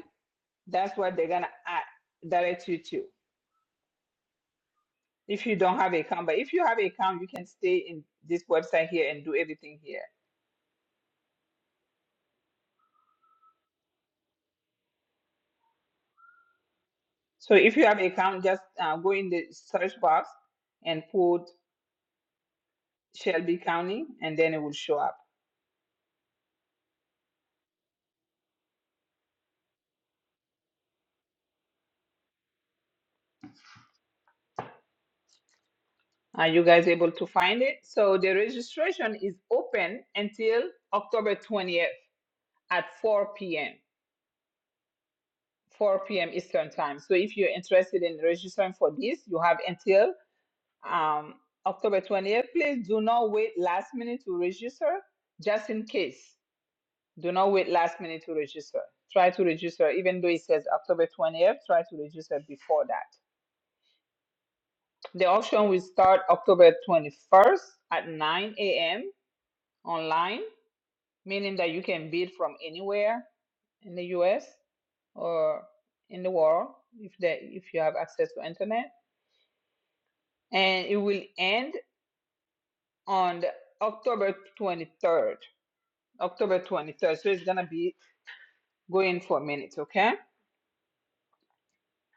That's what they're gonna uh, direct you to if you don't have account. But if you have account, you can stay in this website here and do everything here So if you have an account, just uh, go in the search box and put Shelby County, and then it will show up. Are you guys able to find it? So the registration is open until October 20th at 4 p.m. 4 p.m. Eastern time. So if you're interested in registering for this, you have until um, October 20th. Please do not wait last minute to register, just in case. Do not wait last minute to register. Try to register, even though it says October 20th, try to register before that. The auction will start October 21st at 9 a.m. online, meaning that you can bid from anywhere in the US or in the world if that if you have access to internet. And it will end on the October 23rd. October 23rd. So it's gonna be going for minutes, okay?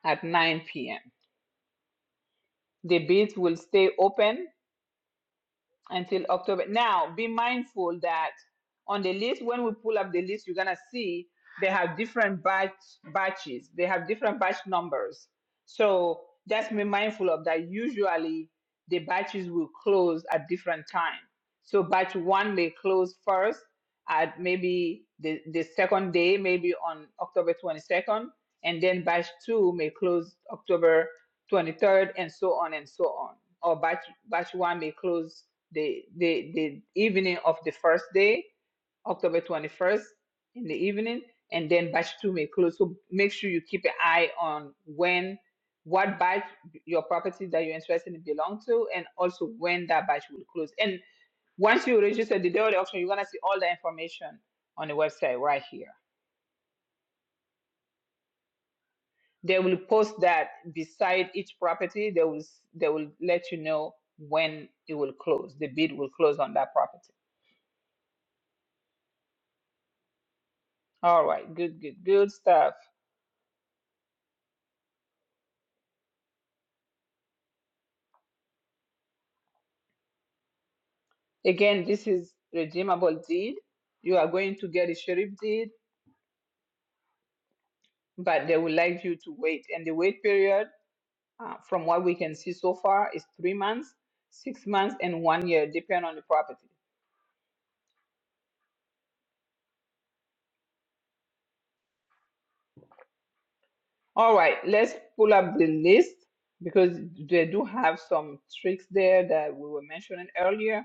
At 9 p.m. The bids will stay open until October. Now, be mindful that on the list, when we pull up the list, you're gonna see they have different batch batches. They have different batch numbers. So just be mindful of that. Usually, the batches will close at different time. So batch one may close first at maybe the, the second day, maybe on October 22nd, and then batch two may close October 23rd, and so on and so on. Or batch batch one may close the the the evening of the first day, October 21st in the evening, and then batch two may close. So make sure you keep an eye on when what batch your property that you're interested in belong to, and also when that batch will close. And once you register the day of the auction, you're gonna see all the information on the website right here. They will post that beside each property. They will they will let you know when it will close. The bid will close on that property. All right, good, good, good stuff. Again, this is redeemable deed. You are going to get a sheriff deed, but they would like you to wait. And the wait period, uh, from what we can see so far, is three months, six months, and one year, depending on the property. All right, let's pull up the list because they do have some tricks there that we were mentioning earlier.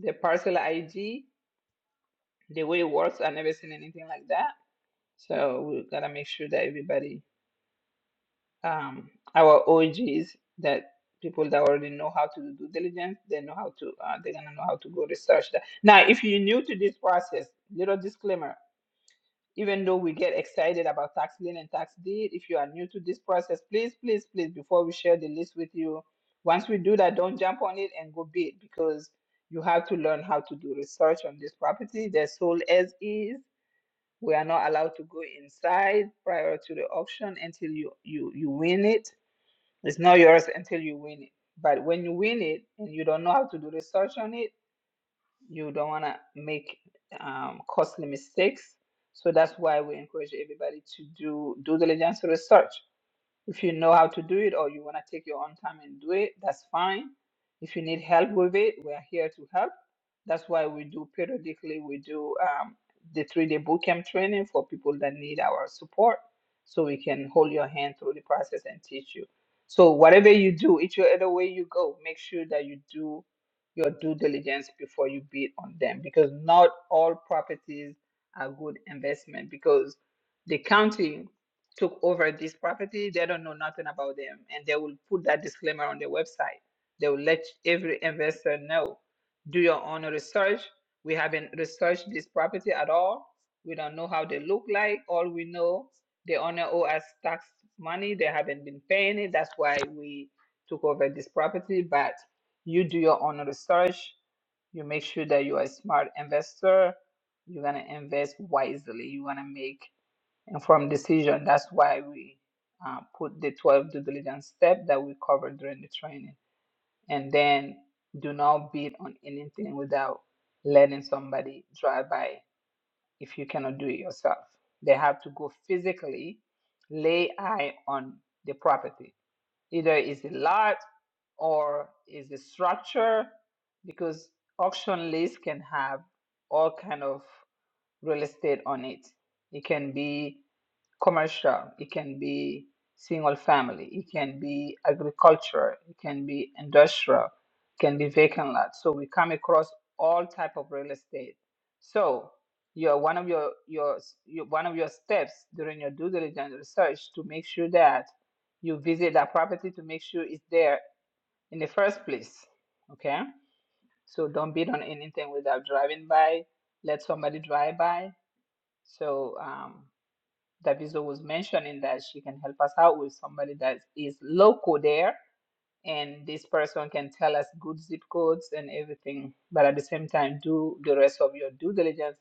The parcel ID, the way it works, I've never seen anything like that. So we gotta make sure that everybody um, our OGs that people that already know how to do due diligence, they know how to, uh, they're gonna know how to go research that. Now, if you're new to this process, little disclaimer, even though we get excited about tax lien and tax deed, if you are new to this process, please, please, please, before we share the list with you, once we do that, don't jump on it and go bid because you have to learn how to do research on this property. They're sold as is. We are not allowed to go inside prior to the auction until you you you win it it's not yours until you win it. But when you win it and you don't know how to do research on it, you don't want to make um, costly mistakes. So that's why we encourage everybody to do due diligence research. If you know how to do it or you want to take your own time and do it, that's fine. If you need help with it, we're here to help. That's why we do periodically, we do um, the three day bootcamp training for people that need our support so we can hold your hand through the process and teach you. So, whatever you do, each other way you go, make sure that you do your due diligence before you bid on them because not all properties are good investment because the county took over this property, they don't know nothing about them, and they will put that disclaimer on their website. They will let every investor know. Do your own research. We haven't researched this property at all. We don't know how they look like. All we know, the owner owe us tax money. They haven't been paying it. That's why we took over this property. But you do your own research. You make sure that you are a smart investor. You're gonna invest wisely. You're gonna make Informed decision. That's why we uh, put the 12 due diligence steps that we covered during the training. And then do not bid on anything without letting somebody drive by if you cannot do it yourself. They have to go physically lay eye on the property. Either is a lot or is a structure because auction lists can have all kind of real estate on it. It can be commercial, it can be single family, it can be agriculture, it can be industrial, it can be vacant lot. So we come across all type of real estate. So your one of your, your s- your one of your steps during your due diligence research to make sure that you visit that property to make sure it's there in the first place. Okay? So don't bid on anything without driving by. Let somebody drive by so um, Daviso was mentioning that she can help us out with somebody that is local there, and this person can tell us good zip codes and everything. But at the same time, do the rest of your due diligence.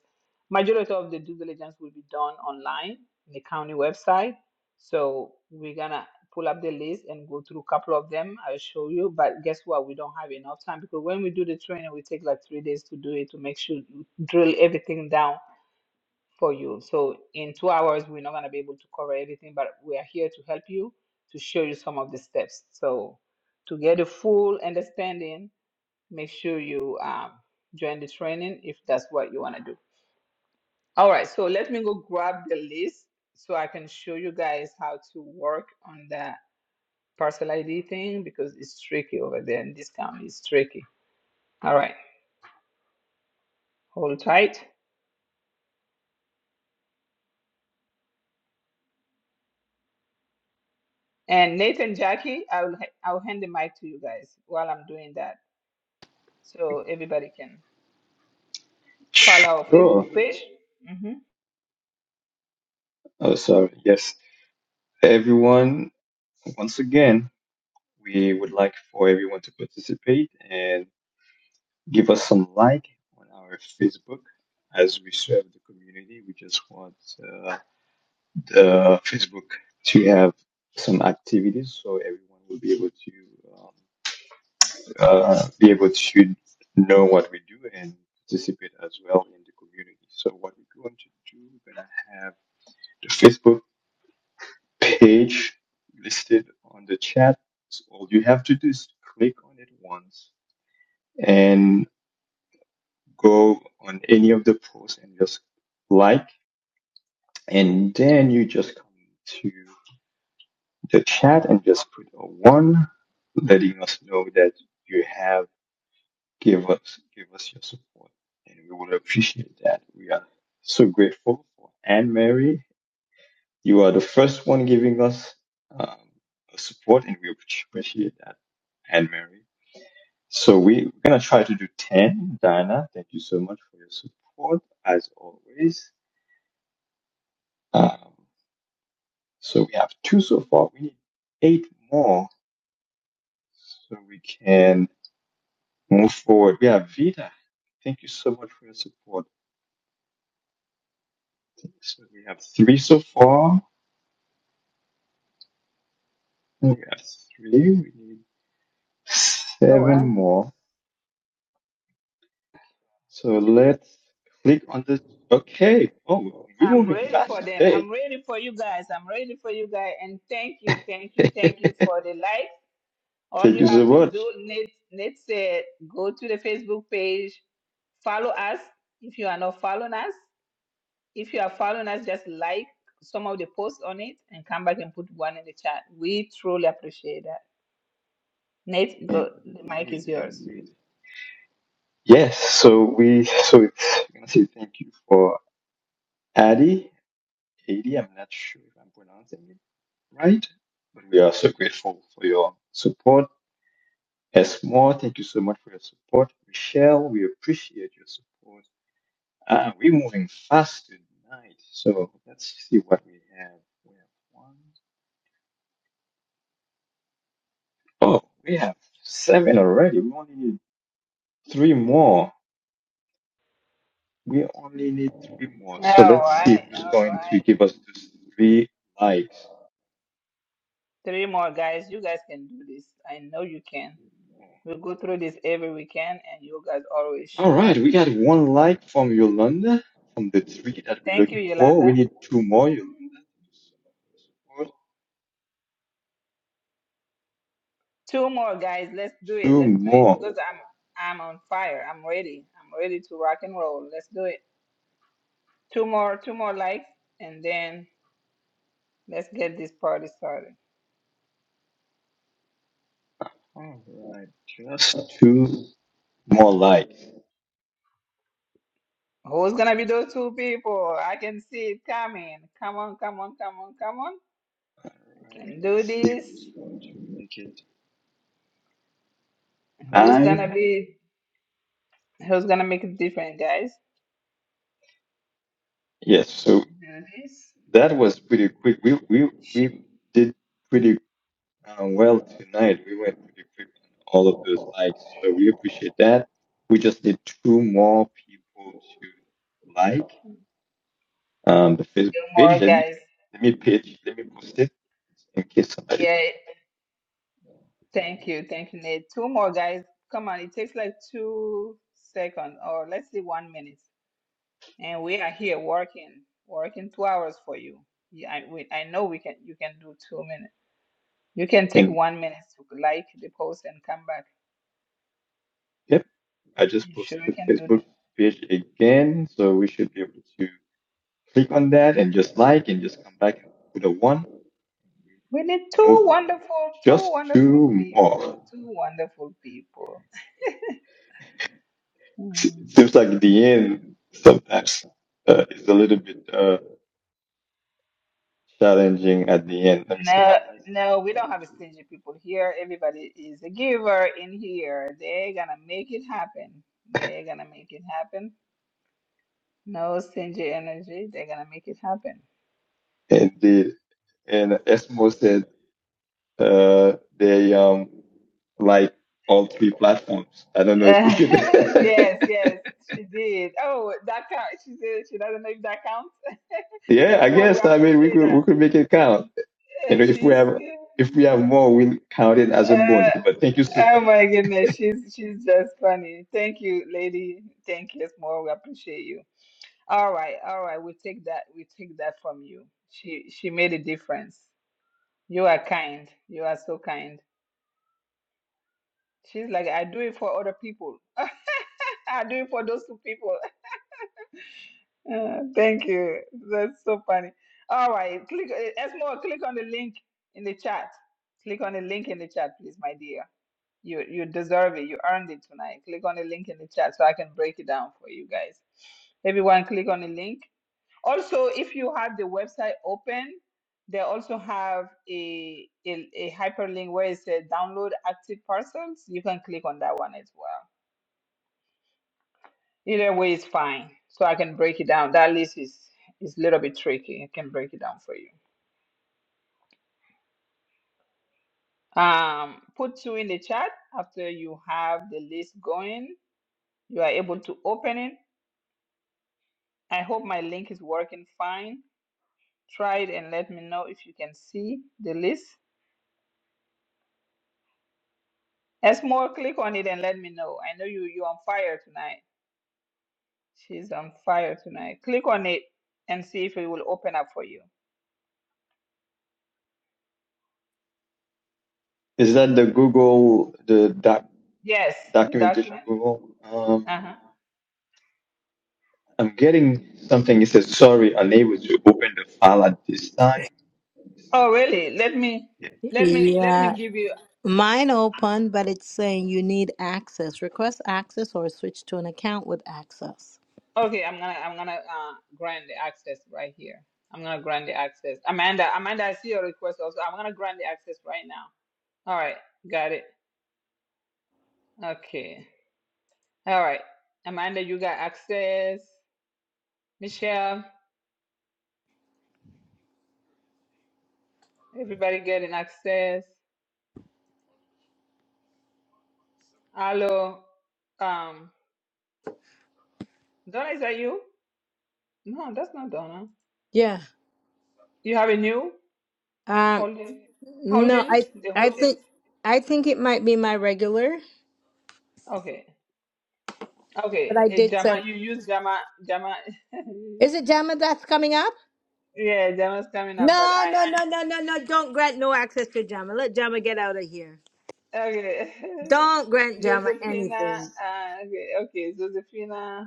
Majority of the due diligence will be done online in the county website. So we're gonna pull up the list and go through a couple of them. I'll show you. But guess what? We don't have enough time because when we do the training, we take like three days to do it to make sure you drill everything down for you. So in two hours, we're not going to be able to cover everything, but we are here to help you to show you some of the steps. So to get a full understanding, make sure you um, join the training if that's what you want to do. All right, so let me go grab the list so I can show you guys how to work on the parcel ID thing because it's tricky over there in this county. It's tricky. All right, hold tight. And Nathan, Jackie, I'll I'll hand the mic to you guys while I'm doing that. so everybody can follow our Sure. Facebook page. hmm Oh, sorry. Yes. Everyone, once again, we would like for everyone to participate and give us some like on our Facebook as we serve the community. We just want uh, the Facebook to have some activities so everyone will be able to um, uh, be able to know what we do and participate as well in the community. So what we're going to do, we're going to have the Facebook. page listed on the chat. So all you have to do is click on it once and go on any of the posts and just like, and then you just come to the chat and just put a one, letting us know that you have give us give us your support, and we will appreciate that. We are so grateful for Anne Marie. You are the first one giving us um, support, and we appreciate that. And Mary. So we, we're going to try to do 10. Diana, thank you so much for your support, as always. Um, so we have two so far. We need eight more so we can move forward. We have Vita. Thank you so much for your support. So we have three so far. We have three. We need All seven right. more. So let's click on this. Okay. Oh, we're I'm moving ready for fast them. today. I'm ready for you guys. I'm ready for you guys. And thank you, thank you, Take thank you for the like. All you us a have to do, watch. Nate, Nate said, go to the Facebook page, follow us. If you are not following us, if you are following us, just like some of the posts on it and come back and put one in the chat. We truly appreciate that. Nate, go. The mic Indeed, is yours. indeed. Yes. So we. So it's. I'm gonna say thank you for Addy. Addy. I'm not sure if I'm pronouncing it right, but we are so grateful for your support. S more, thank you so much for your support. Michelle, we appreciate your support. Ah, we're moving fast tonight. So let's see what we have. We have one. Oh, we have seven already. We only need three more. We only need three more. All So let's see right, who's all going right. to give us those three likes. Three more guys. You guys can do this. I know you can. We go through this every weekend, and you guys always All show right, up. we got And one like from Yolanda from the three that we're thank you, looking for. Yolanda. We need two more, Yolanda. Two more guys. Let's do it. Two Let's do it because more. I'm I'm on fire. I'm ready. I'm ready to rock and roll. Let's do it. Two more. Two more likes, and then let's get this party started. All right, just two more likes. Who's gonna be those two people? I can see it coming. Come on, come on, come on, come on. All I right, can do let's see this. who's going to make it Who's gonna nine. be? Who's gonna make a difference, guys? Yes, so Nice. That was pretty quick. We we Sh- we did pretty uh, well tonight. We went pretty quick on all of those likes, so we appreciate that. We just need two more people to like Two um, the Facebook more page. Let me guys. let me page. Let me post it in case somebody. Yeah, thank you. Thank you, Nate. Two more guys. Come on, it takes like two seconds or let's say one minute. And we are here working, working two hours for you. Yeah, I, we, I know we can. You can do two minutes. You can take And one minute to like the post and come back. yep, I just You posted sure you the can do that? Facebook page again, so we should be able to click on that and just like and just come back and put a one. We need two Move wonderful, two just wonderful two people, more. two wonderful people. seems like the end sometimes uh, is a little bit uh, challenging at the end. Let me see. I No, like no, we don't have a stingy people here. Everybody is a giver in here. They're gonna make it happen. They're gonna make it happen. No stingy energy. They're gonna make it happen. indeed. And Esmo said uh, they um like all three platforms. I don't know if we should. yes, yes, she did. Oh, that count. She said she doesn't know if that counts. yeah, That's I more. We guess. I mean, we appreciate could we that. could make it count. You know, And if we she's. have if we have more, we'll count it as a Uh, bonus. But thank you so oh much. my goodness, she's she's just funny. Thank you, lady. Thank you, That's more. We appreciate you. All right, all right. We take that. We take that from you. She she made a difference. You are kind. You are so kind. She's like, I do it for other people. I do it for those two people. Uh, thank you. That's so funny. All right, click. uh, Esmo, click on the link in the chat. Click on the link in the chat, please, my dear. You you deserve it. You earned it tonight. Click on the link in the chat so I can break it down for you guys. Everyone, click on the link Also, if you have the website open, they also have a, a, a hyperlink where it says download active parcels. You can click on that one as well. Either way is fine. So I can break it down. That list is is a little bit tricky. I can break it down for you. Um, put two in the chat after you have the list going. You are able to open it. I hope my link is working fine. Try it and let me know if you can see the list. As more, click on it and let me know. I know you you're on fire tonight. She's on fire tonight. Click on it and see if it will open up for you. Is that the Google the doc, Yes, the documentation document. Google? Um, Uh-huh. I'm getting something. It says, sorry, unable to open the file at this time. Oh really? Yes. Let me Yeah. let me let me Yeah. give you Mine open, but it's saying you need access. Request access or switch to an account with access. okay, I'm gonna I'm gonna uh grant the access right here. I'm gonna grant the access. Amanda, Amanda, I see your request also. I'm gonna grant the access right now. All right, got it. Okay. All right. Amanda, you got access. Michelle, everybody getting access. Hello. Um, Donna, is that you? No, that's not Donna. Yeah. You have a new Um holding no, holdings? I The I think holdings? I think it might be my regular, Okay. but Okay. I eh, did Jama, send you use Jama Jama Is it Jama that's coming up? Yeah, Jama's coming up, but No, no, no, no, no, no. Don't grant no access to Jama. Let Jama get out of here. I okay. Don't grant Jama Josephina, anything. uh, okay, okay, Josephina.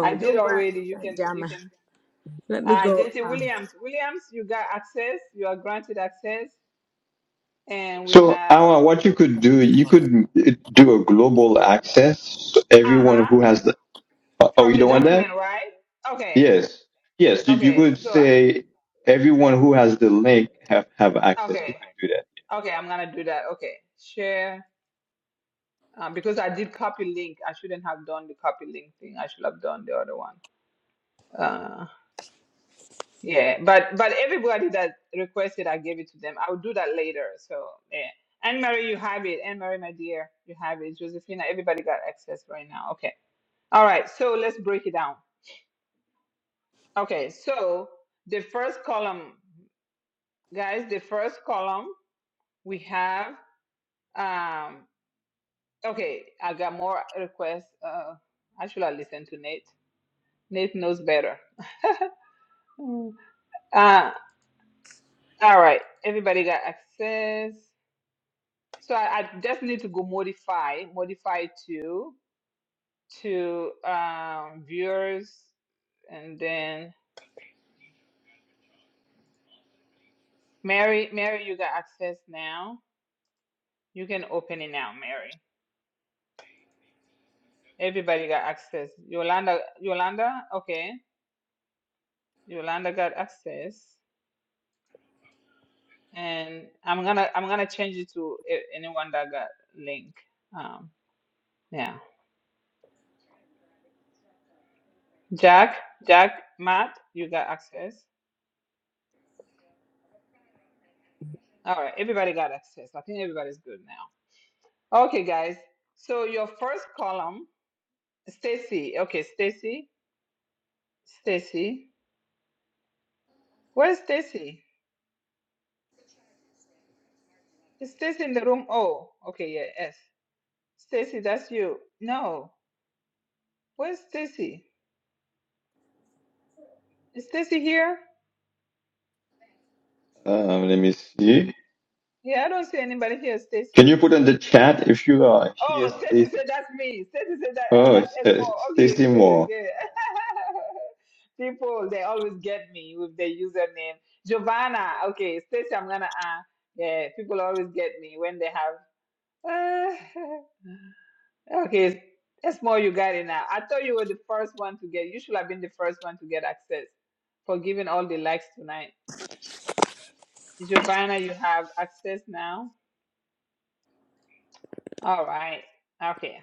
I did don't grant already. You can you Jama. can Let me uh go. JT Williams. Williams, you got access, you are granted access, and we So, have Awa, what you could do, you could uh, do a global access. So everyone uh-huh who has the, oh, oh, from you the don't want that? document, right? Okay, Yes. Yes. You, you okay, could so say everyone who has the link have, have access. okay, You could do that. okay, I'm gonna do that. Okay, share um, because I did copy link. I shouldn't have done the copy link thing. I should have done the other one. Uh, yeah, but but everybody that requested, I gave it to them. I will do that later. So yeah, Anne Marie, you have it. Anne Marie, my dear, you have it. Josephina, everybody got access right now. Okay, all right. So let's break it down. Okay, so the first column, guys, the first column we have Um, okay, I got more requests. Uh, actually, I listened to Nate. Nate knows better. Mm. Uh, all right, everybody got access. So I, I just need to go modify, modify to to um, viewers, and then Mary, Mary, you got access now. You can open it now, Mary. Everybody got access. Yolanda, Yolanda, okay. Yolanda got access. and I'm gonna I'm gonna change it to a- anyone that got link. Um, yeah, Jack, Jack, Matt, you got access. All right, everybody got access. I think everybody's good now. Okay, guys. So your first column, Stacy. Okay, Stacy, Stacy. Where's Stacy? Is Stacy in the room? Oh, okay, yeah, yes. Stacy, that's you. No, where's Stacy? Is Stacy here? Um, let me see. Yeah, I don't see anybody here, Can Stacy. you put in the chat if you are here, Oh, Stacy Stacy? said that's me. Stacy said that. Oh, Oh, that's it's, uh, Esmo. Okay, Stacy good, Moore. good. People, they always get me with their username. Giovanna. Okay, Stacy, I'm gonna. Uh, yeah, people always get me when they have. okay, Esmo, you got it now. I thought you were the first one to get. You should have been the first one to get access for giving all the likes tonight. Giovanna, you have access now. All right. Okay.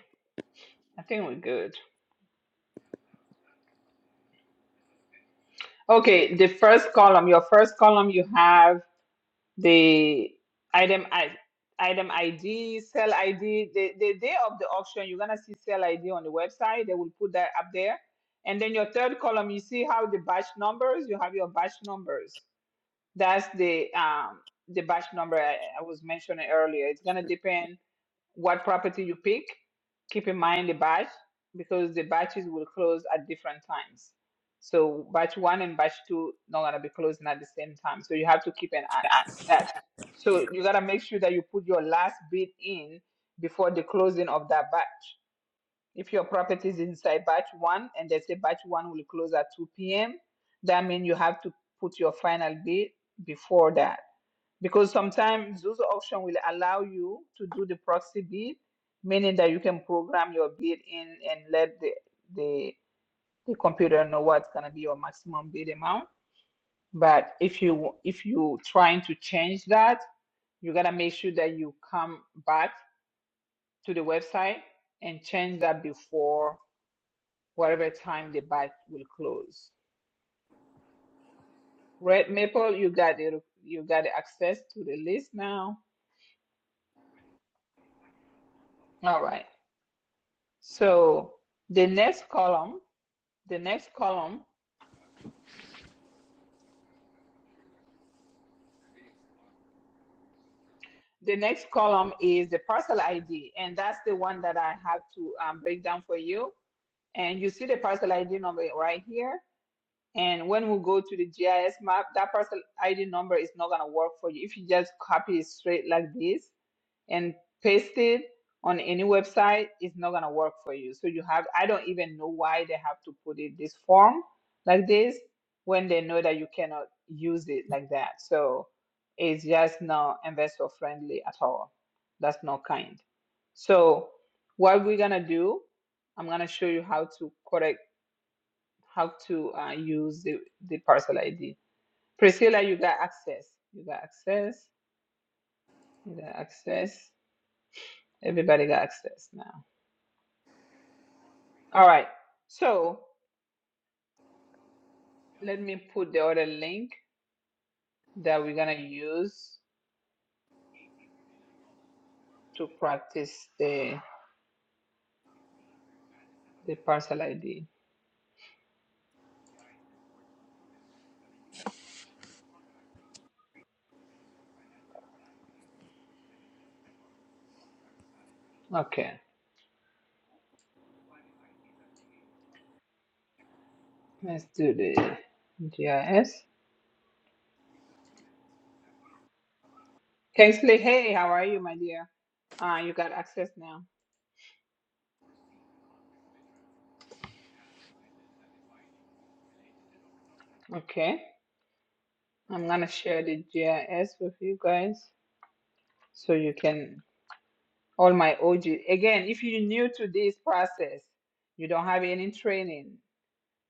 I think we're good. Okay, the first column, your first column, you have the item I, item ID, sell ID. The, the day of the auction, you're gonna see sell ID on the website. They will put that up there. And then your third column, you see how the batch numbers, you have your batch numbers. That's the um the batch number I, I was mentioning earlier. It's gonna depend what property you pick, keep in mind the batch because the batches will close at different times. So batch one and batch two not gonna be closing at the same time. So you have to keep an eye that. So you gotta make sure that you put your last bid in before the closing of that batch. If your property is inside batch one and they say batch one will close at 2 p.m., that means you have to put your final bid before that because sometimes those options will allow you to do the proxy bid, meaning that you can program your bid in and let the the, the computer know what's gonna be your maximum bid amount. But if you if you trying to change that, you gotta make sure that you come back to the website and change that before whatever time the bid will close. Red Maple, you got it. You got access to the list now. All right. So the next column the next column, the next column is the parcel ID, and that's the one that I have to um, break down for you. And you see the parcel ID number right here. And when we go to the GIS map, that parcel ID number is not gonna work for you if you just copy it straight like this. and paste it on any website is not going to work for you so you have i don't even know why they have to put it this form like this when they know that you cannot use it like that so it's just not investor friendly at all that's not kind so what we're going to do i'm going to show you how to correct how to uh, use the, the parcel id priscilla you got access you got access you got access everybody got access now All right. So let me put the other link that we're gonna use to practice the the parcel ID. Okay. Let's do the GIS. Kingsley, hey, how are you, my dear? Uh, you got access now. Okay. I'm gonna share the GIS with you guys so you can all my OG. Again, if you're new to this process, you don't have any training.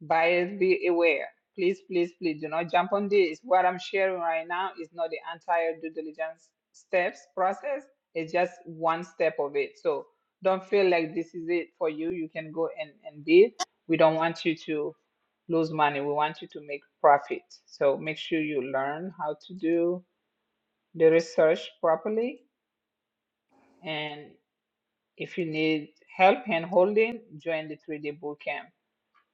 Buyers be aware. Please, please, please do not jump on this. What I'm sharing right now is not the entire due diligence steps process. It's just one step of it. So don't feel like this is it for you. You can go and, and bid. We don't want you to lose money. We want you to make profit. So make sure you learn how to do the research properly. And if you need help hand holding, join the 3D bootcamp.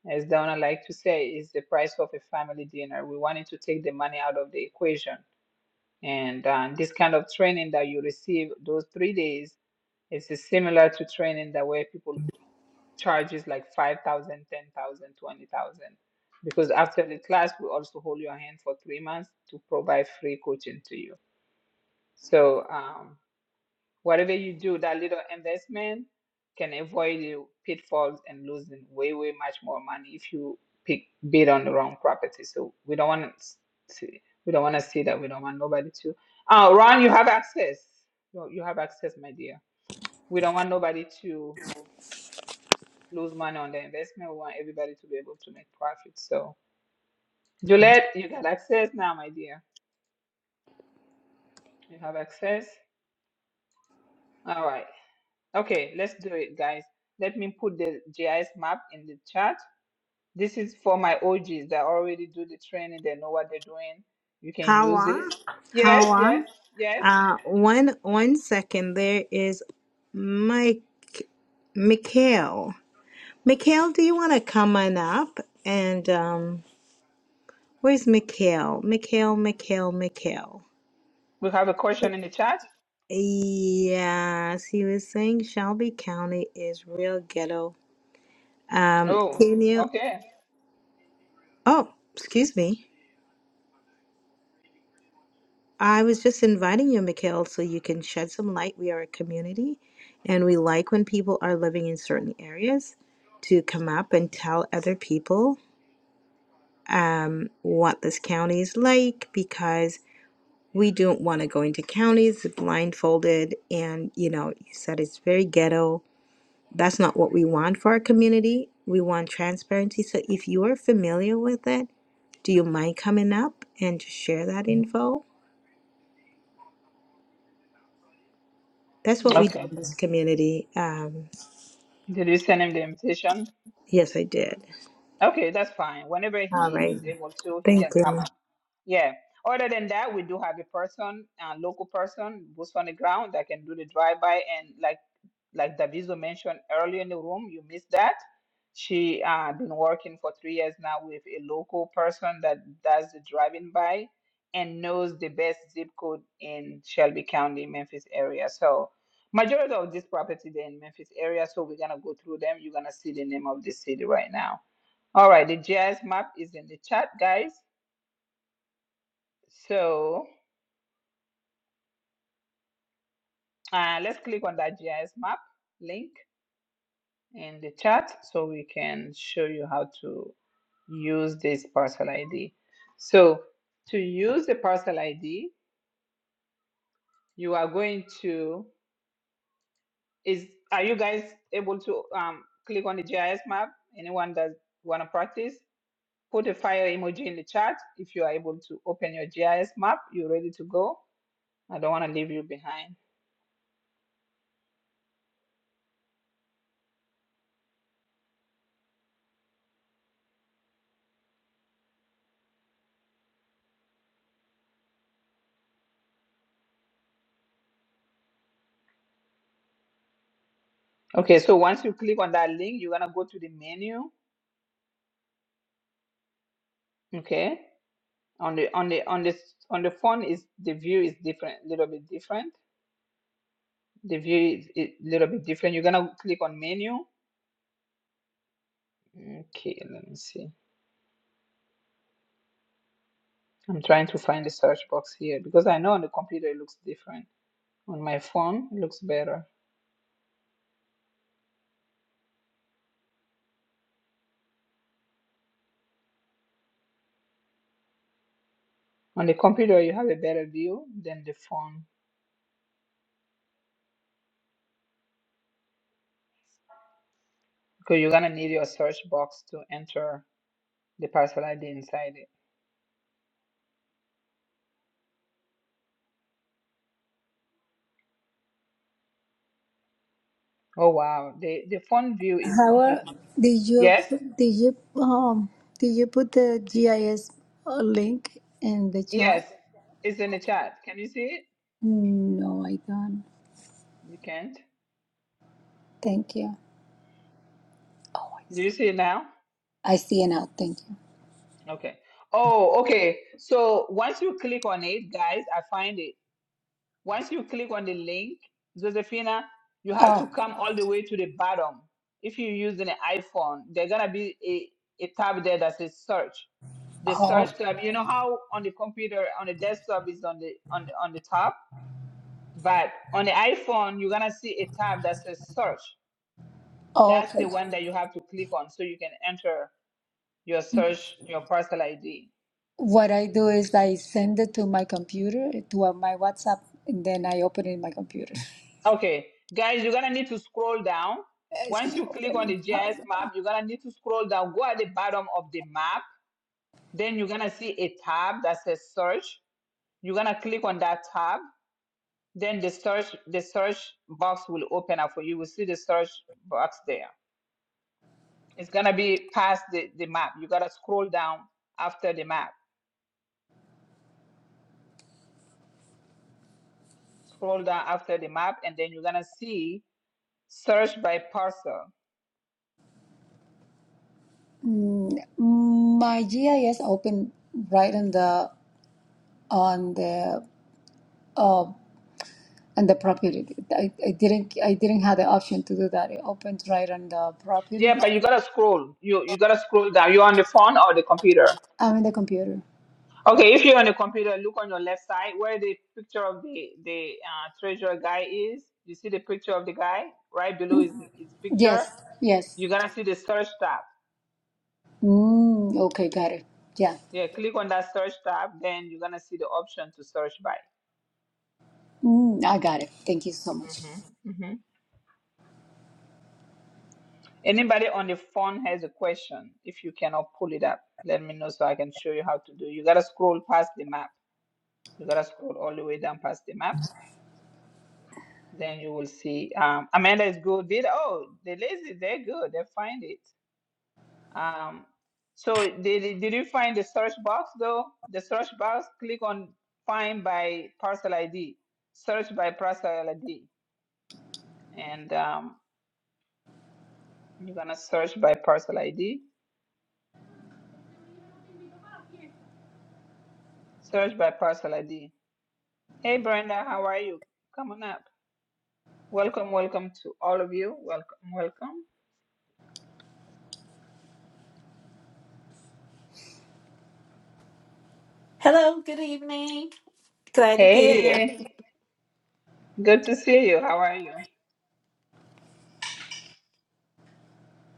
As Donna liked to say, is the price of a family dinner. We wanted to take the money out of the equation. And uh, this kind of training that you receive those three days is similar to training that where people charges like 5,000, 10,000, 20,000. Because after the class, we also hold your hand for three months to provide free coaching to you. So um, Whatever you do, that little investment can avoid you pitfalls and losing way, way much more money if you pick bid on the wrong property. So we don't want to see we don't want to see that. We don't want nobody to. Oh, Ron, you have access. You you have access, my dear. We don't want nobody to lose money on the investment. We want everybody to be able to make profit. So Juliet, you got access now, my dear. You have access. All right. Okay, let's do it, guys. Let me put the GIS map in the chat. This is for my OGs that already do the training, they know what they're doing. You can use Hawa, this. Yes, Hawa. yes, yes. Uh, one one second. There is Mike, Mikhail. Mikhail, do you want to come on up? And um, where's Mikhail? Mikhail, Mikhail, Mikhail. We have a question in the chat. Yes, he was saying Shelby County is real ghetto. Um, Oh, can you? okay. Oh, excuse me. I was just inviting you, Mikhail, so you can shed some light. We are a community, and we like when people are living in certain areas to come up and tell other people um, what this county is like because we don't want to go into counties blindfolded. And, you know, you said it's very ghetto. That's not what we want for our community. We want transparency. So if you are familiar with it, do you mind coming up and just share that info? That's what we do Okay. in this community. Um, Did you send him the invitation? Yes, I did. Okay, that's fine. Whenever All he, right. he's able to, he Thank can come you. up. Yeah. Other than that, we do have a person, a local person, boots on the ground that can do the drive by and like like Daviso mentioned earlier in the room, you missed that. She uh, been working for three years now with a local person that does the driving by and knows the best zip code in Shelby County, Memphis area. So majority of this property they in Memphis area. So we're gonna go through them. You're gonna see the name of the city right now. All right, the GIS map is in the chat, guys. So uh, let's click on that GIS map link in the chat so we can show you how to use this parcel ID. So to use the parcel ID, you are going to is are you guys able to um, click on the GIS map? Anyone that want to practice, put a fire emoji in the chat if you are able to open your GIS map. You're ready to go. I don't want to leave you behind. Okay, so once you click on that link, you're gonna go to the menu. Okay, on the on the on the on the phone is the view is different a little bit different the view is a little bit different you're gonna click on menu okay let me see i'm trying to find the search box here because i know on the computer it looks different on my phone it looks better on the computer you have a better view than the phone because you're gonna need your search box to enter the parcel id inside it oh wow the the phone view is How completely did you yes did you um did you put the GIS uh, link in the chat? yes it's in the chat can you see it No, I don't. you can't Thank you. Do you see it now? I see it now. Thank you. Okay. Oh, okay. So once you click on it, guys, I find it. Once you click on the link, Josephina, you have to Oh, come all the way to the bottom. If you use an iPhone, there's gonna be a, a tab there that says search. The oh, search tab, you know how on the computer, on the desktop is on the on the on the top, but on the iPhone, you're gonna see a tab that says search. oh, That's the okay. one that you have to click on so you can enter your search, your parcel ID. What I do is I send it to my computer, to uh, my WhatsApp, and then I open it in my computer. Okay, guys, you're gonna need to scroll down. It's Once not you click open. on the GIS map, you're gonna need to scroll down. Go at the bottom of the map. Then you're gonna see a tab that says search. You're gonna click on that tab. Then the search the search box will open up for you. You will see the search box there. It's gonna be past the, the map. You gotta scroll down after the map. Scroll down after the map, and then you're gonna see search by parcel. Mm, My GIS opened right on the on the uh, on the property. I, I didn't I didn't have the option to do that. It opened right on the property. Yeah, but you gotta scroll. You you gotta scroll down. You're on the phone or the computer? I mean the computer. Okay, if you're on the computer, look on your left side where the picture of the the uh, treasure guy is. You see the picture of the guy right below his his picture. Yes, yes. You're gonna see the search tab. Mm, okay, got it. Yeah, Yeah, click on that search tab, then you're gonna see the option to search by. mm, I got it. Thank you so much. hmm hmm Anybody on the phone has a question? If you cannot pull it up, let me know so I can show you how to do. You gotta scroll past the map. You gotta scroll all the way down past the map. Then you will see. Um, Amanda is good. Did oh, the lazy, they're good. They find it. Um, so did, did you find the search box though? The search box, click on find by parcel ID, search by parcel ID, and um, you're gonna search by parcel ID, search by parcel ID. Hey Brenda, how are you? Come on up. Welcome, welcome to all of you. Welcome, welcome. Hello, good evening. Glad to be here. Hey, good to see you. How are you?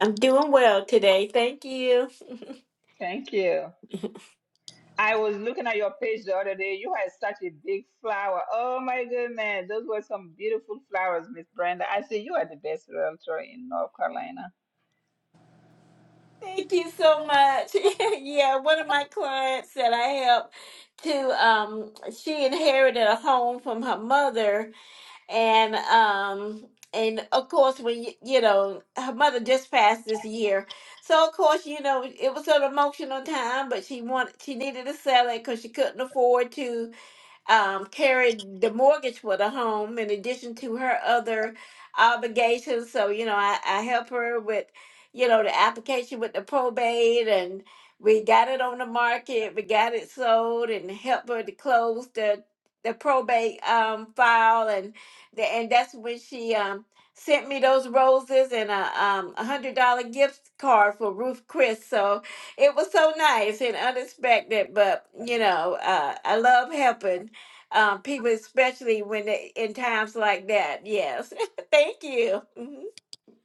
I'm doing well today. Thank you. Thank you. I was looking at your page the other day. You had such a big flower. Oh my goodness, those were some beautiful flowers, Miss Brenda. I say you are the best realtor in North Carolina. Thank you so much. yeah, one of my clients that I help to um she inherited a home from her mother and um and of course when you, you know her mother just passed this year. So of course, you know, it was an emotional time, but she wanted she needed to sell it cuz she couldn't afford to um, carried the mortgage for the home in addition to her other obligations. So, you know, I, I help her with, you know, the application with the probate and we got it on the market, we got it sold and help her to close the the probate um file and the, and that's when she um sent me those roses and a um a hundred dollar gift card for Ruth Chris. So it was so nice and unexpected, but you know, uh, I love helping um, people, especially when they, in times like that. Yes, thank you. Mhm.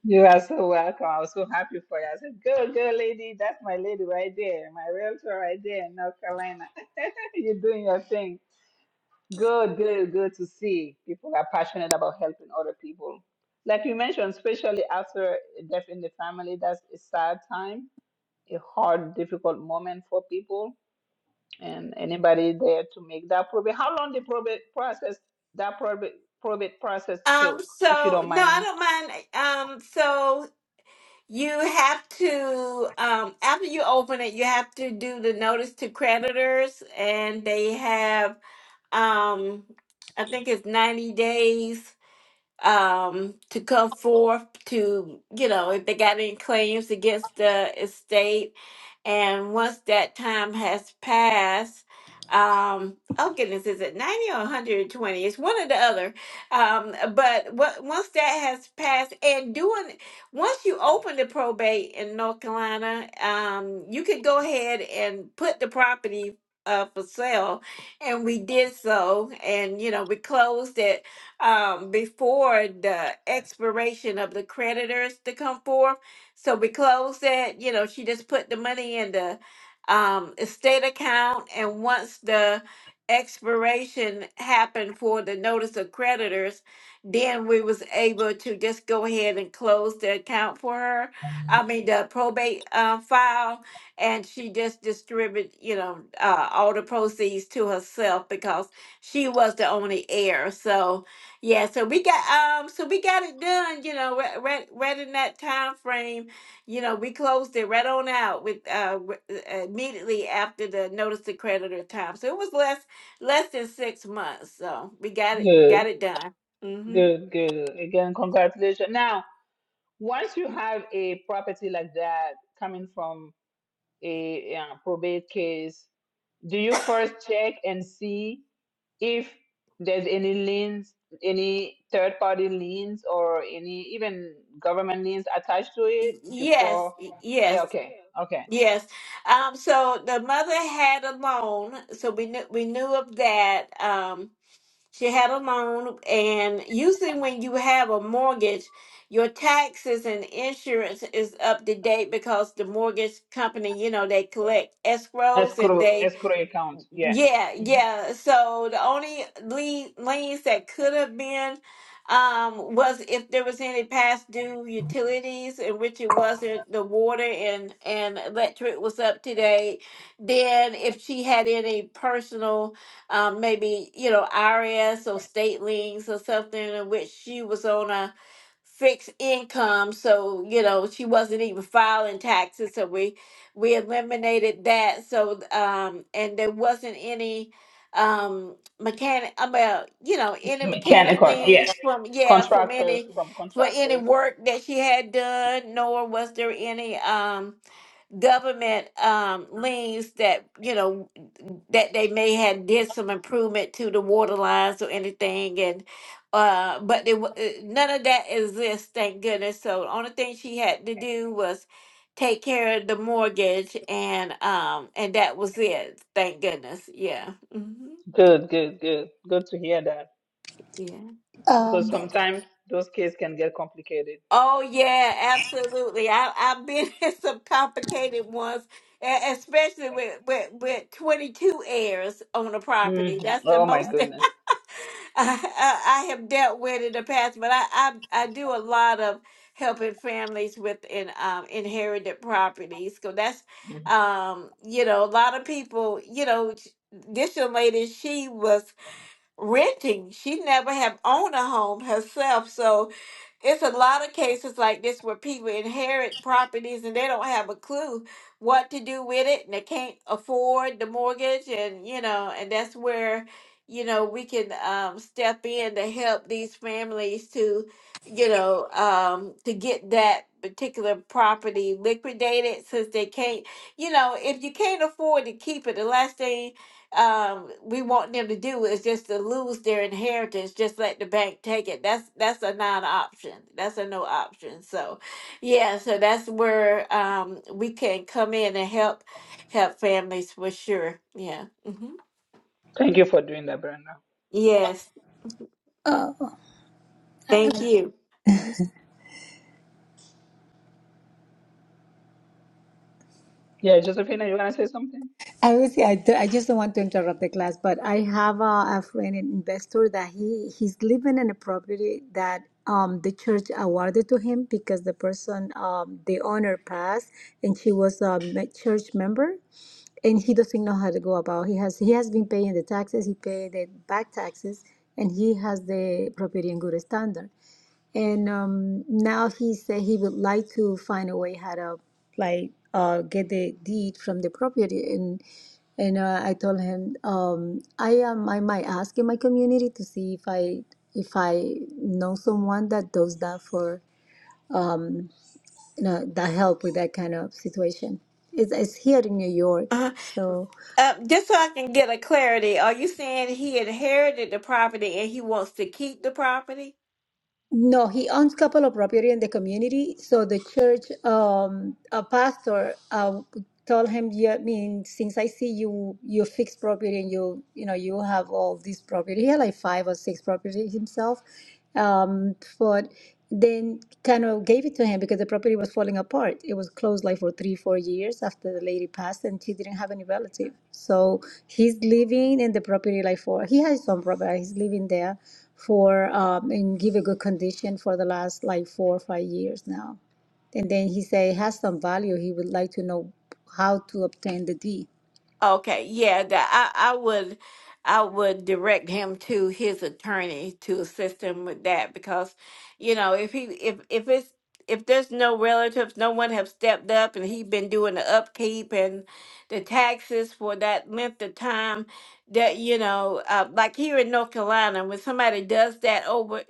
You are so welcome. I was so happy for you. I said, "Good, good lady. That's my lady right there, my realtor right there in North Carolina. You're doing your thing. Good, good, good to see people are passionate about helping other people. Like you mentioned, especially after a death in the family, that's a sad time, a hard, difficult moment for people and anybody there to make that probate. How long the probate process that probate probate process Um, took, if you so don't no, mind? I don't mind. Um, so you have to um, after you open it, you have to do the notice to creditors, and they have um, I think it's ninety days um, to come forth to, you know, if they got any claims against the estate. And once that time has passed, um, oh goodness, is it 90 or 120? It's one or the other. Um, but what, once that has passed, and doing, once you open the probate in North Carolina, um, you could go ahead and put the property uh, for sale. And we did so. And, you know, we closed it um, before the expiration of the creditors to come forth. So we closed that. You know, she just put the money in the um, estate account, and once the expiration happened for the notice of creditors, then we was able to just go ahead and close the account for her. I mean, the probate uh, file, and she just distributed, you know, uh, all the proceeds to herself because she was the only heir. So yeah, so we got um, so we got it done. You know, right, right, right in that time frame. You know, we closed it right on out with uh w- uh, immediately after the notice to creditor time. So it was less less than six months. So we got it got Good, it done. Mm-hmm. good, good. Again, congratulations. Now, once you have a property like that coming from a, uh probate case, do you first check and see if there's any liens, any third party liens, or any even government liens attached to it Y- Yes, before? y- Yeah, yes, okay, okay. yes. Um, so the mother had a loan, so we knew we knew of that. Um, She had a loan, and usually when you have a mortgage, your taxes and insurance is up to date because the mortgage company, you know, they collect escrows and Escrow, they escrow account, yeah. yeah, Mhm. yeah. So the only lien, liens that could have been um, was if there was any past due utilities in which it wasn't, the water and, and electric was up to date. Then if she had any personal, um, maybe, you know, IRS or state liens or something in which she was on a fixed income. So, you know, she wasn't even filing taxes. So we we eliminated that. So um, and there wasn't any um mechanic about you know any mechanic Mechanical, yeah. leaves from yeah from Contractors any from for any contractors. work that she had done nor was there any um government um liens that you know that they may have did some improvement to the water lines or anything and uh but they, wa- uh, none of that exists thank goodness so the only thing she had to do was take care of the mortgage and um and that was it thank goodness yeah hmm Good, good, good. Good to hear that yeah because Um, sometimes those cases can get complicated. Oh yeah, absolutely. I I've been in some complicated ones, e- especially with with with twenty two heirs on a property. hmm That's the Oh my most goodness. I, I, I have dealt with in the past. But I, I I do a lot of helping families with in um inherited properties. So that's Mhm. um you know a lot of people you know sh- this young lady she was renting. She never have owned a home herself. So it's a lot of cases like this where people inherit properties and they don't have a clue what to do with it and they can't afford the mortgage and you know, and that's where, you know, we can um step in to help these families to, you know, um to get that particular property liquidated since they can't you know, if you can't afford to keep it, the last thing um we want them to do is just to lose their inheritance just let the bank take it that's that's a non-option that's a no option so yeah so that's where um we can come in and help help families for sure yeah hmm Thank you for doing that, Brenda. yes uh, thank you Mhm. Yeah, Josephina, you want to say something? I would say I, do, I just don't want to interrupt the class, but I have a, a friend, an investor, that he he's living in a property that um, the church awarded to him because the person, um, the owner passed, and she was a me- church member, and he doesn't know how to go about. He has he has been paying the taxes, he paid the back taxes, and he has the property in good standard and um, now he said he would like to find a way how to like uh, get the deed from the property and and uh, I told him um, I am I might ask in my community to see if I if I know someone that does that for um, you know that help with that kind of situation. It's, it's here in New York, uh, so uh, just so i can get a clarity are you saying he inherited the property and he wants to keep the property No, he owns couple of property in the community. So the church, um, a pastor, uh, told him, "Yeah, I mean, since I see you, you fix property and you, you know, you have all these property. He had like five or six property himself. Um, but then kind of gave it to him because the property was falling apart. It was closed like for three, four years after the lady passed, and she didn't have any relative. So he's living in the property like for he has some property. He's living there for um and give a good condition for the last like four or five years now. And then he say it has some value. He would like to know how to obtain the deed. Okay, yeah, that I, I would I would direct him to his attorney to assist him with that because, you know, if he if if it's if there's no relatives, no one have stepped up and he been doing the upkeep and the taxes for that length of time that, you know, uh, like here in North Carolina, when somebody does that over,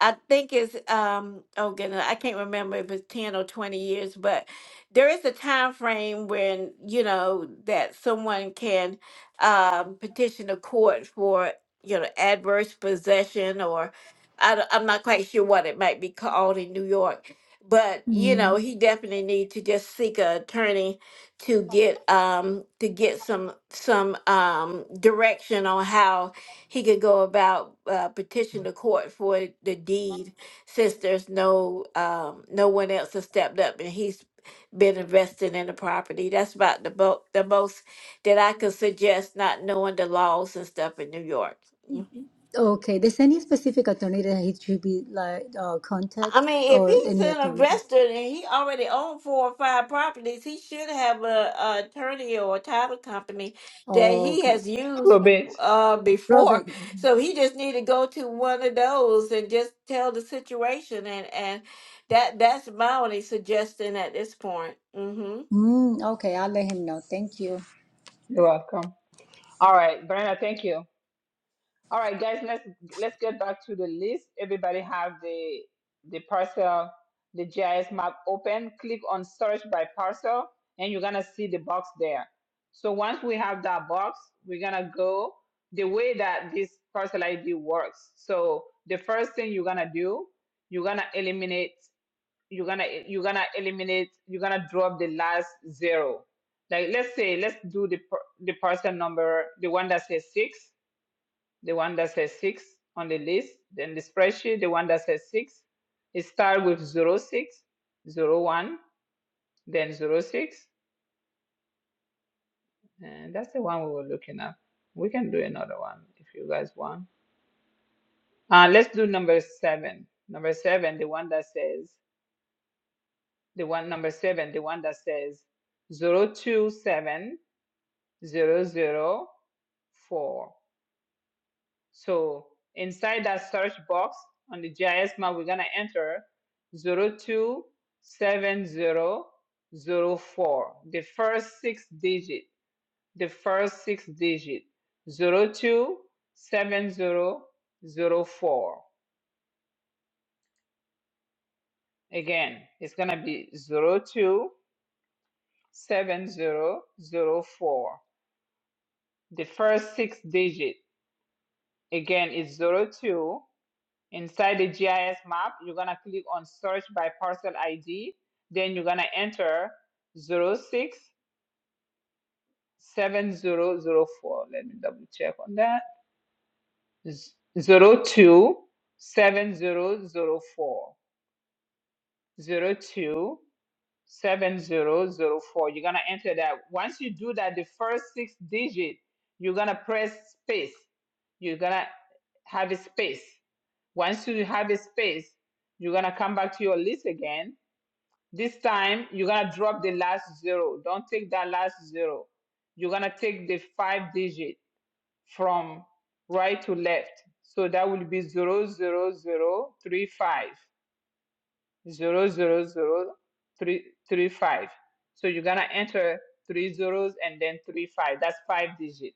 I think it's um oh goodness, I can't remember if it's ten or twenty years, but there is a time frame when you know that someone can um, petition the court for you know adverse possession or I, am not quite sure what it might be called in New York, but you know Mm, he definitely need to just seek an attorney to get um, to get some some um, direction on how he could go about uh, petition the court for the deed since there's no um, no one else has stepped up and he's been invested in the property. That's about the bo- the most that I could suggest, not knowing the laws and stuff in New York. Mhm. Okay, there's any specific attorney that he should be like uh, I contact mean, if or he's any an attorney? investor and he already owned four or five properties, he should have a, a attorney or a title company that he Okay, has A used little bit. uh, before. Robin. Mhm. So he just need to go to one of those and just tell the situation, and and that that's my only suggestion at this point. hmm Mm, okay, I'll let him know. Thank you. You're welcome. All right, Brenda, thank you. All right, guys, let's let's get back to the list. Everybody have the the parcel, the GIS map open. Click on search by parcel, and you're gonna see the box there. So once we have that box, we're gonna go the way that this parcel ID works. So the first thing you're gonna do, you're gonna eliminate. you're gonna you're gonna eliminate you're gonna drop the last zero like let's say let's do the per, the parcel number the one that says six the one that says six on the list then the spreadsheet the one that says six it start with zero six zero one then zero six and that's the one we were looking at we can do another one if you guys want uh let's do number seven number seven the one that says the one number seven the one that says zero two seven Zero zero four. So inside that search box on the GIS map, we're going to enter zero two seven zero zero four. The first six digit, the first six digit, zero two seven zero zero four. Again, it's going to be zero two seven zero zero four. The first six digit, again, is zero two. Inside the GIS map, you're gonna click on search by parcel ID, then you're gonna enter zero six seven zero zero four. Let me double check on that. Zero two seven zero 027004. You're gonna enter that. Once you do that, the first six digits, you're gonna press space. You're gonna have a space. Once you have a space, you're gonna come back to your list again This time, you're going to drop the last zero. Don't take that last zero. You're going to take the five digit from right to left. So that will be 00035. 00035. So you're going to enter three zeros and then three five. That's five digit.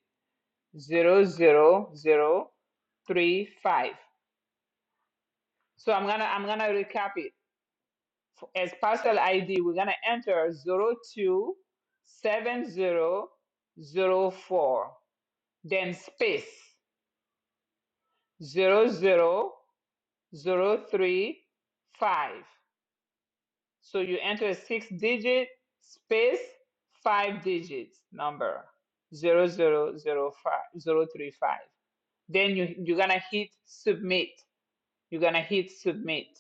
zero zero zero three five. So I'm going to I'm going to recap it. f- as parcel ID, we're gonna enter zero two seven zero zero four, then space zero zero zero three five. So you enter a six digit space five digits number zero zero zero five zero three five. Then you you're gonna hit submit. You're gonna hit submit.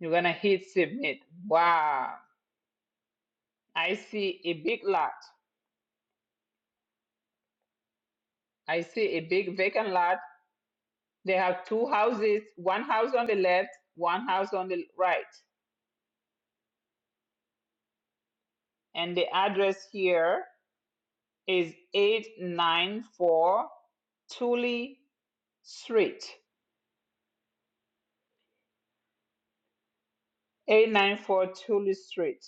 You're gonna hit submit. Wow. I see a big lot. I see a big vacant lot. They have two houses, one house on the left, one house on the right. And the address here is 894 Tully Street. 894 Tully Street.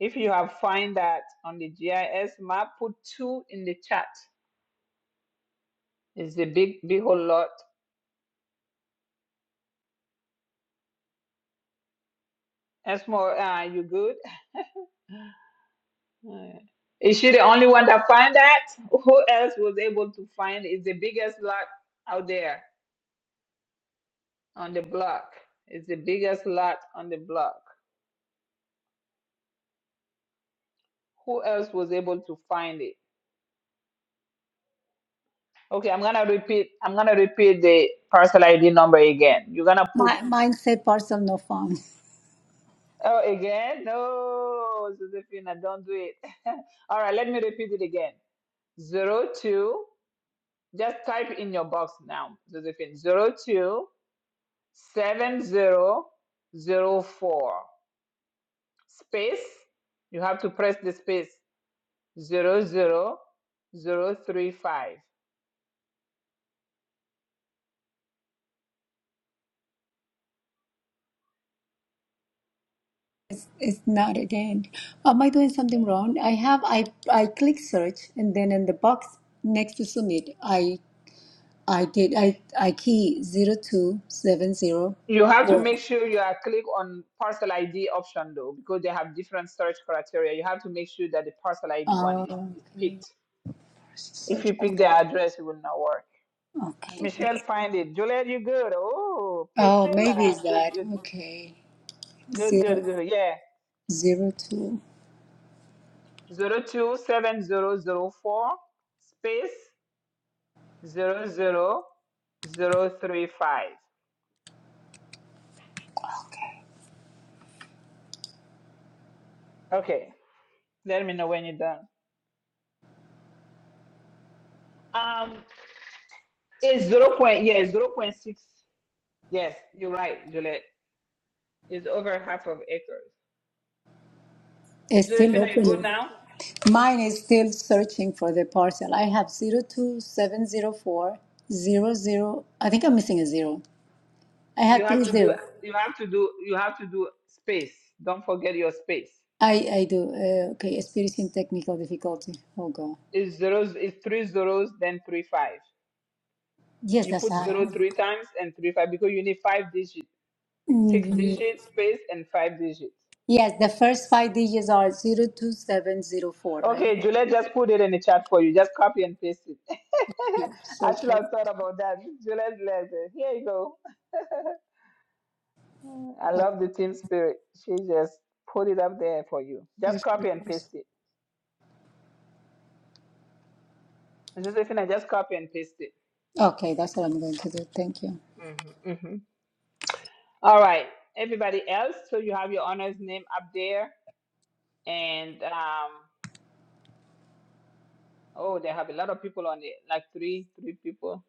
If you have find that on the GIS map, put two in the chat. It's the big, big whole lot. Esmo, uh, you good? Uh, Is she the only one that find that? Who else was able to find? It's the biggest lot out there. on the block. It's the biggest lot on the block. Who else was able to find it? Okay, I'm gonna repeat. I'm gonna repeat the parcel ID number again. You're gonna put My mine said parcel no found. oh again? No, Josephina, don't do it. All right, let me repeat it again. Zero two. Just type in your box now, Josephine. Zero two seven zero zero four space. You have to press the space. Zero zero zero three five. It's, it's not again. Am I doing something wrong? I have I I click search and then in the box next to submit, I I did I I key zero two seven zero You have to four. make sure you are click on parcel ID option though, because they have different storage criteria. You have to make sure that the parcel ID one Oh, is, is okay. picked. If Search. you pick the address, it will not work. Okay. Michelle, find it. Juliet, you good? Oh, Oh, Priscilla, maybe it's good, that. good, Okay. good, Zero good, good. Yeah, zero two. zero two seven zero zero four space zero zero zero three five. Okay, let me know when you're done. Um, it's zero point. Yeah, zero point six. Yes, you're right, Juliet. Is over half of acres. It's So if still you you go opening. now, Mine is still searching for the parcel. I have zero two seven zero four zero zero. I think I'm missing a zero. I you had have three to do zero. you have to do you have to do space. Don't forget your space. I, I do. Uh, okay, experiencing technical difficulty. Oh, God. It's zeros it's three zeros, then three five. Yes, You that's put I. zero three times and three five because you need five digits. Six Mm, digit space and five digits. Yes, the first five digits are zero two seven zero four, right? Okay, Juliet just put it in the chat for you. Just copy and paste it. Yeah, I search should like have thought about that. Juliet letter. Here you go. I search, love the team spirit. She just put it up there for you. search, Just search, copy and search. paste it. It's as if I just copy and paste it. Okay, that's what I'm going to do. Thank you. hmm hmm All right, everybody else. So you have your honor's name up there, and um, oh, they have a lot of people on it, like three, three people.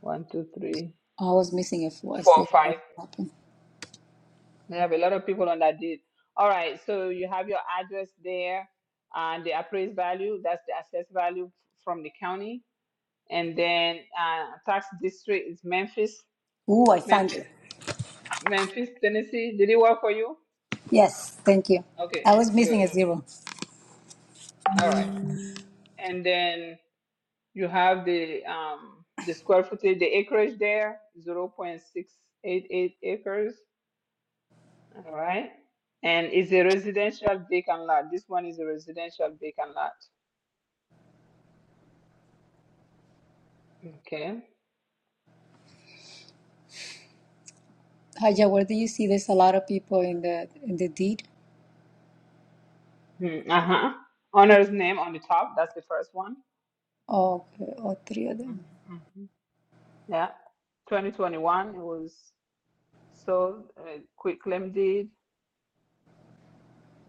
One, two, three, I was missing a four. I four, see that's five. what happened. They have a lot of people on that deed. All right, so you have your address there, and the appraised value. That's the assessed value from the county, and then uh, tax district is Memphis, Ooh, I found Memphis, it. Memphis, Tennessee. Did it work for you? Yes, thank you. Okay, I was missing good. a zero. All right. and then you have the um the square footage the acreage there 0.688 acres all right and it's a residential vacant lot this one is a residential vacant lot okay Haja, where do you see there's a lot of people in the in the deed? Hmm, uh-huh owner's name on the top that's the first one Oh, okay, all three of them. mm-hmm. mm-hmm. yeah 2021 it was sold uh, quick claim deed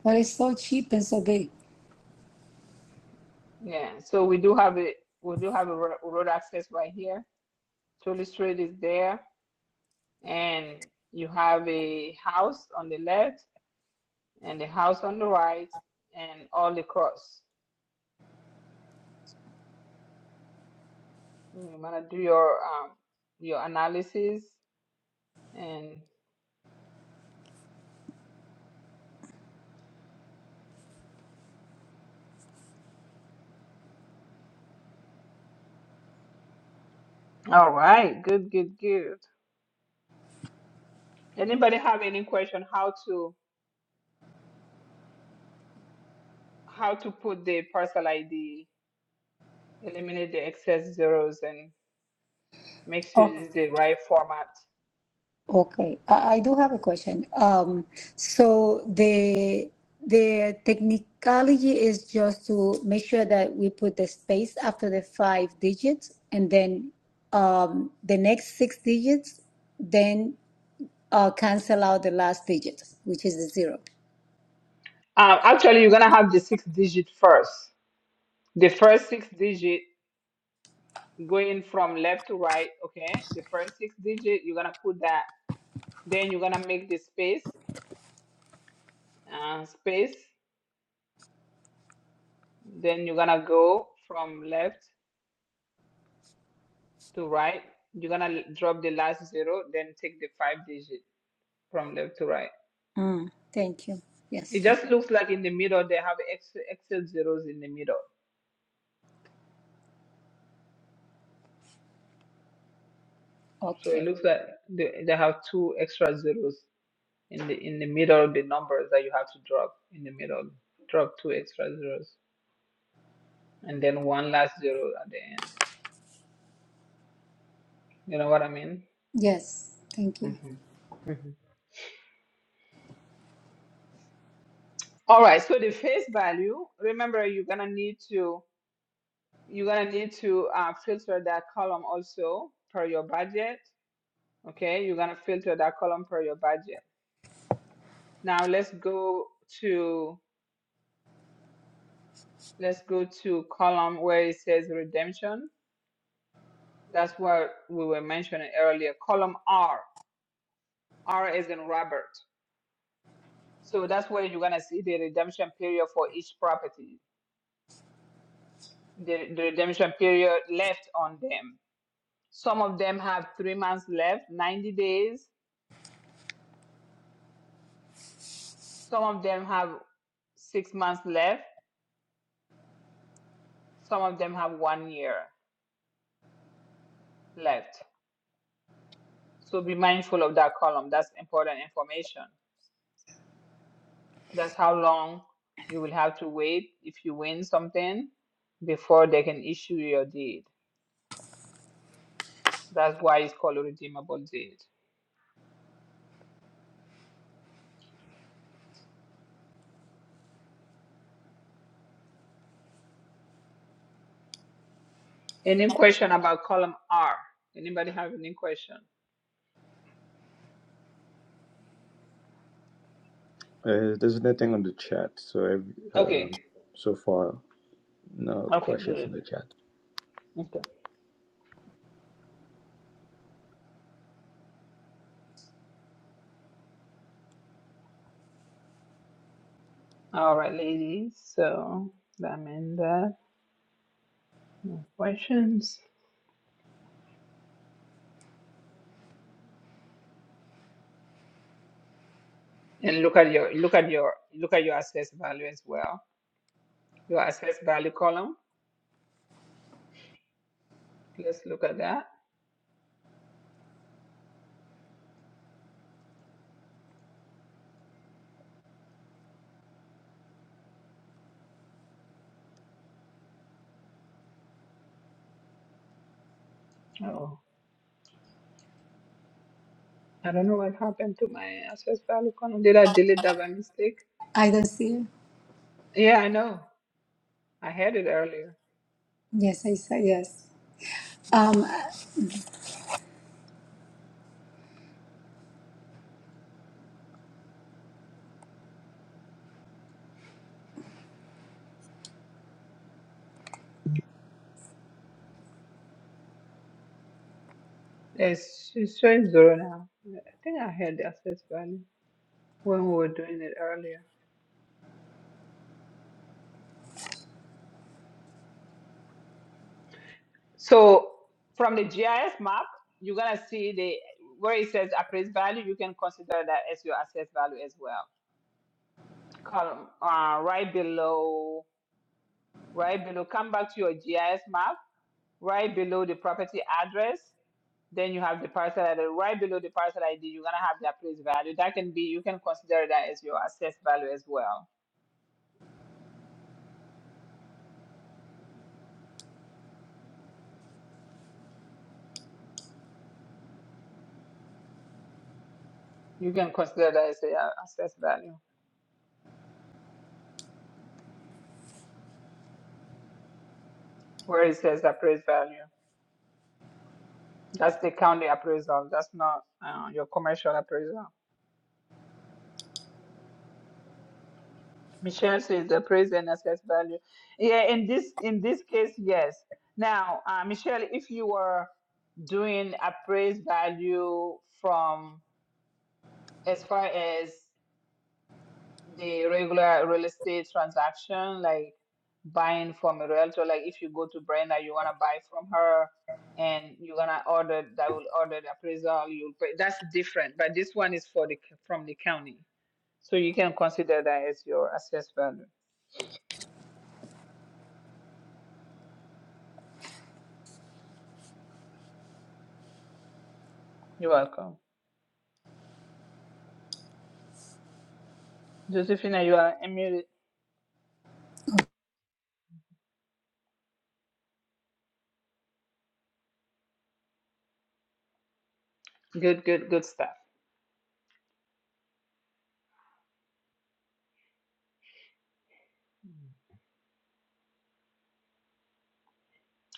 But it's so cheap and so big. yeah so we do have a we do have a ro- road access right here Tully Street is there and you have a house on the left and a house on the right and all across. You wanna do your um your analysis and all right, good, good, good. Anybody have any question how to how to put the parcel ID, eliminate the excess zeros and make sure Oh, it's the right format? okay. I, I do have a question. Um, so the the technicality is just to make sure that we put the space after the five digits, and then um, the next six digits, then uh, cancel out the last digit, which is the zero. Um, actually, you're gonna have the six digit first. The first six digit going from left to right, okay, the first six digit, you're gonna put that, then you're gonna make the space, uh, space, then you're gonna go from left to right, you're gonna drop the last zero, then take the five digit from left to right. Mm, thank you. It Yes. just looks like in the middle they have extra extra zeros in the middle, so it Okay. looks like they, they have two extra zeros in the in the middle of the numbers that you have to drop in the middle. Drop two extra zeros and then one last zero at the end. You know what I mean? Yes. Thank you. Mm-hmm. Mm-hmm. All right, so the face value, remember you're gonna need to you're gonna need to uh, filter that column also per your budget. Okay, you're gonna filter that column per your budget. Now let's go to let's go to column where it says redemption. That's what we were mentioning earlier. Column R. R is in Robert. So that's where you're gonna see the redemption period for each property. The, the redemption period left on them Some of them have three months left, 90 days. Some of them have six months left. Some of them have one year left. So be mindful of that column. That's important information. That's how long you will have to wait if you win something before they can issue your deed. That's why it's called a redeemable deed. Any question about column R? Anybody have any question? Uh, there's nothing on the chat, so ev- Okay. um so far no Okay, questions in good. the chat. Okay. All right, ladies. So that means that. More questions? And look at your look at your look at your assessed value as well. Your assessed value column. Let's look at that. Oh, I don't know what happened to my assessed value column. Did I delete that by mistake? I don't see. Yeah, I know. I had it earlier. Yes, I say yes. hmm Um, It's it's showing zero now. I think I had the assessed value when we were doing it earlier. So from the GIS map, you're gonna see the where it says appraised value. You can consider that as your assessed value as well column uh, right below right below come back to your gis map right below the property address then you have the parcel id right below the parcel id you're going to have the appraised value that can be you can consider that as your assessed value as well you can consider that as the uh, assessed value where it says appraised value that's the county appraisal that's not uh, your commercial appraisal Michelle says the praise and assess value. Yeah, in this in this case, yes. Now, uh, Michelle, if you were doing appraised value from as far as the regular real estate transaction, like buying from a realtor, like if you go to Brenda, you wanna buy from her and you're gonna order that will order the appraisal, you'll pay that's different. But this one is for the from the county. So you can consider that as your assessed value. You're welcome. Josephina, you are unmuted. Good, good, good stuff.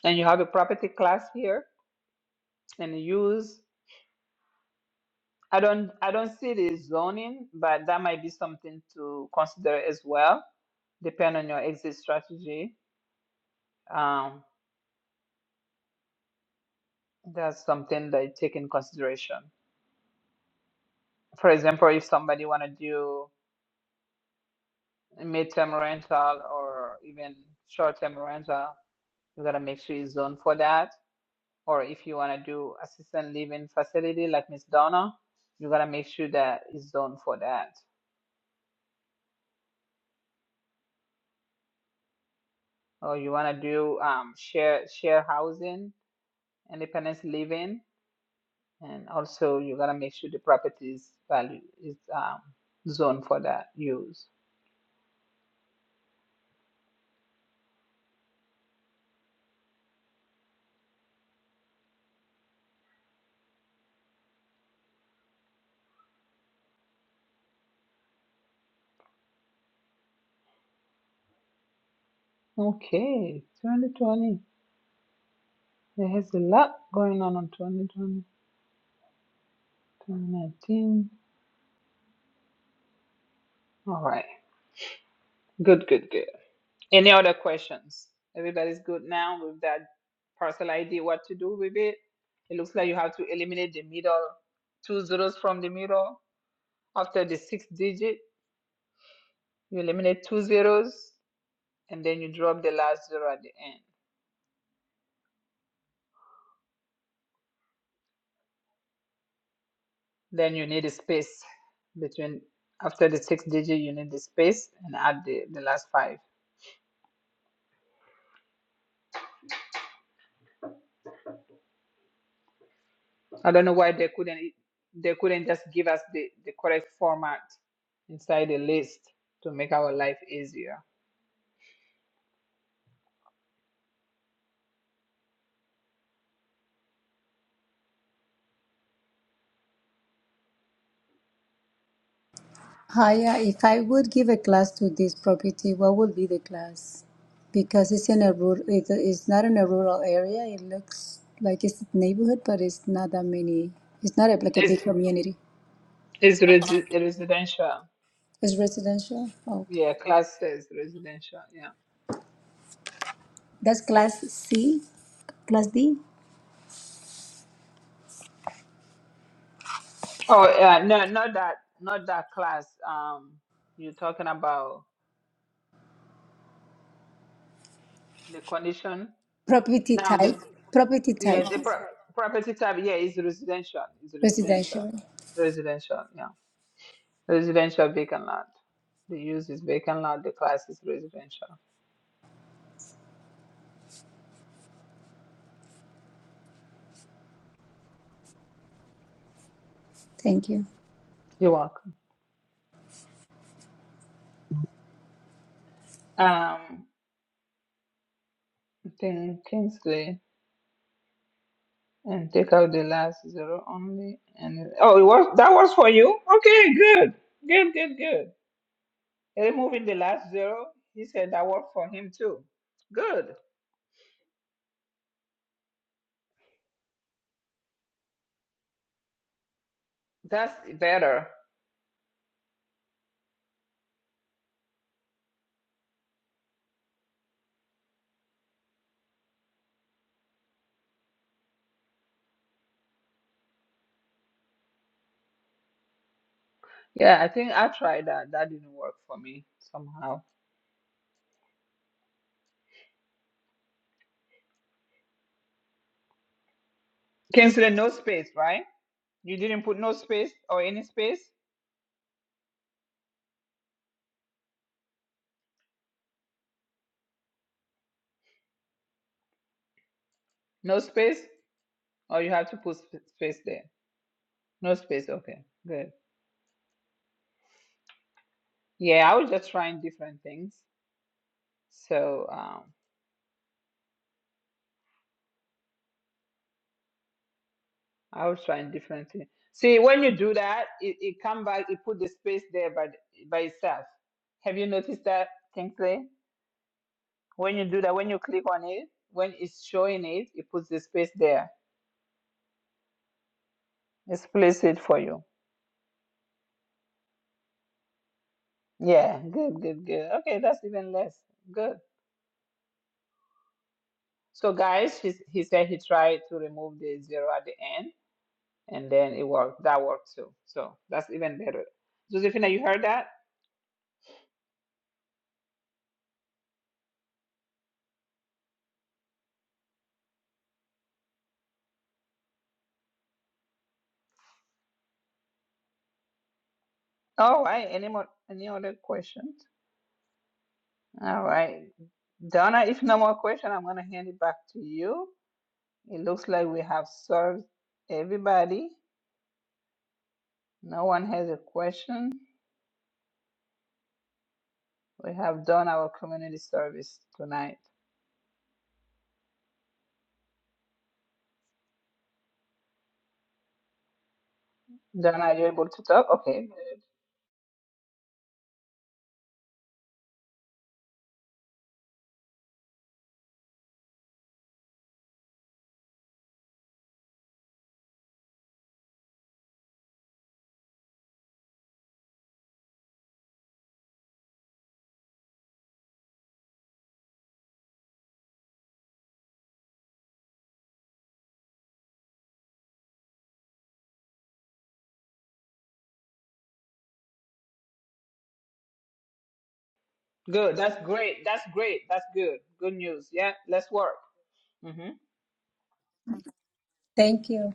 And you have a property class here and use. I don't, I don't see the zoning, but that might be something to consider as well, depending on your exit strategy. Um, that's something that you take in consideration. For example, if somebody want to do a midterm rental or even short-term rental, you gotta make sure you zone for that or if you want to do assistant living facility like Miss Donna, you gotta make sure that it's zoned for that. Or you want to do um, share share housing, independence living, and also you gotta make sure the property's value is um, zoned for that use. Okay, 2020. There has a lot going on on 2020, 2019. All right, good, good, good. Any other questions? Everybody's good now with that parcel ID, what to do with it? It looks like you have to eliminate the middle, two zeros from the middle. After the sixth digit, you eliminate two zeros and then you drop the last zero at the end. Then you need a space between, after the sixth digit, you need the space and add the, the last five. I don't know why they couldn't, they couldn't just give us the, the correct format inside the list to make our life easier. Haya, if I would give a class to this property, what would be the class? Because it's in a rural, it, it's not in a rural area. It looks like it's a neighborhood, but it's not that many. It's not a, like a big community. It's resi residential. It's residential. Okay. Yeah, class is residential. Yeah. That's class C, class D. Oh, yeah. No, not that. Not that class. Um, you're talking about the condition. Property Now the type, property type, yeah the pro property type. Yeah, is residential. Is residential. residential. Residential. Yeah. Residential vacant lot. The use is vacant lot. The class is residential. Thank you. You're welcome. Um, then Kingsley. And take out the last zero only. And it- oh, it was that was for you. Okay, good, good, good, good. Removing the last zero, he said that worked for him too. Good, that's better. Yeah, I think I tried that. That didn't work for me somehow. Canceling no space, right? You didn't put no space or any space. No space, or you have to put sp- space there. No space. Okay, good. Yeah, I was just trying different things. So. um, I was trying different thing. See, when you do that, it, it come back, it put the space there by, the- by itself. Have you noticed that, Kingsley? When you do that, when you click on it, when it's showing it, it puts the space there. It's place it for you. Yeah, good, good, good. Okay, that's even less. Good. So, guys, he, he said he tried to remove the zero at the end, and then it worked. That worked too. So, that's even better. Josephina, you heard that? All right. Any more? Any other questions? All right. Donna, if no more question, I'm going to hand it back to you. It looks like we have served everybody. No one has a question. We have done our community service tonight. Donna, are you able to talk? Okay. Good. That's great. That's great. That's good. Good news. Yeah. Let's work. Thank you.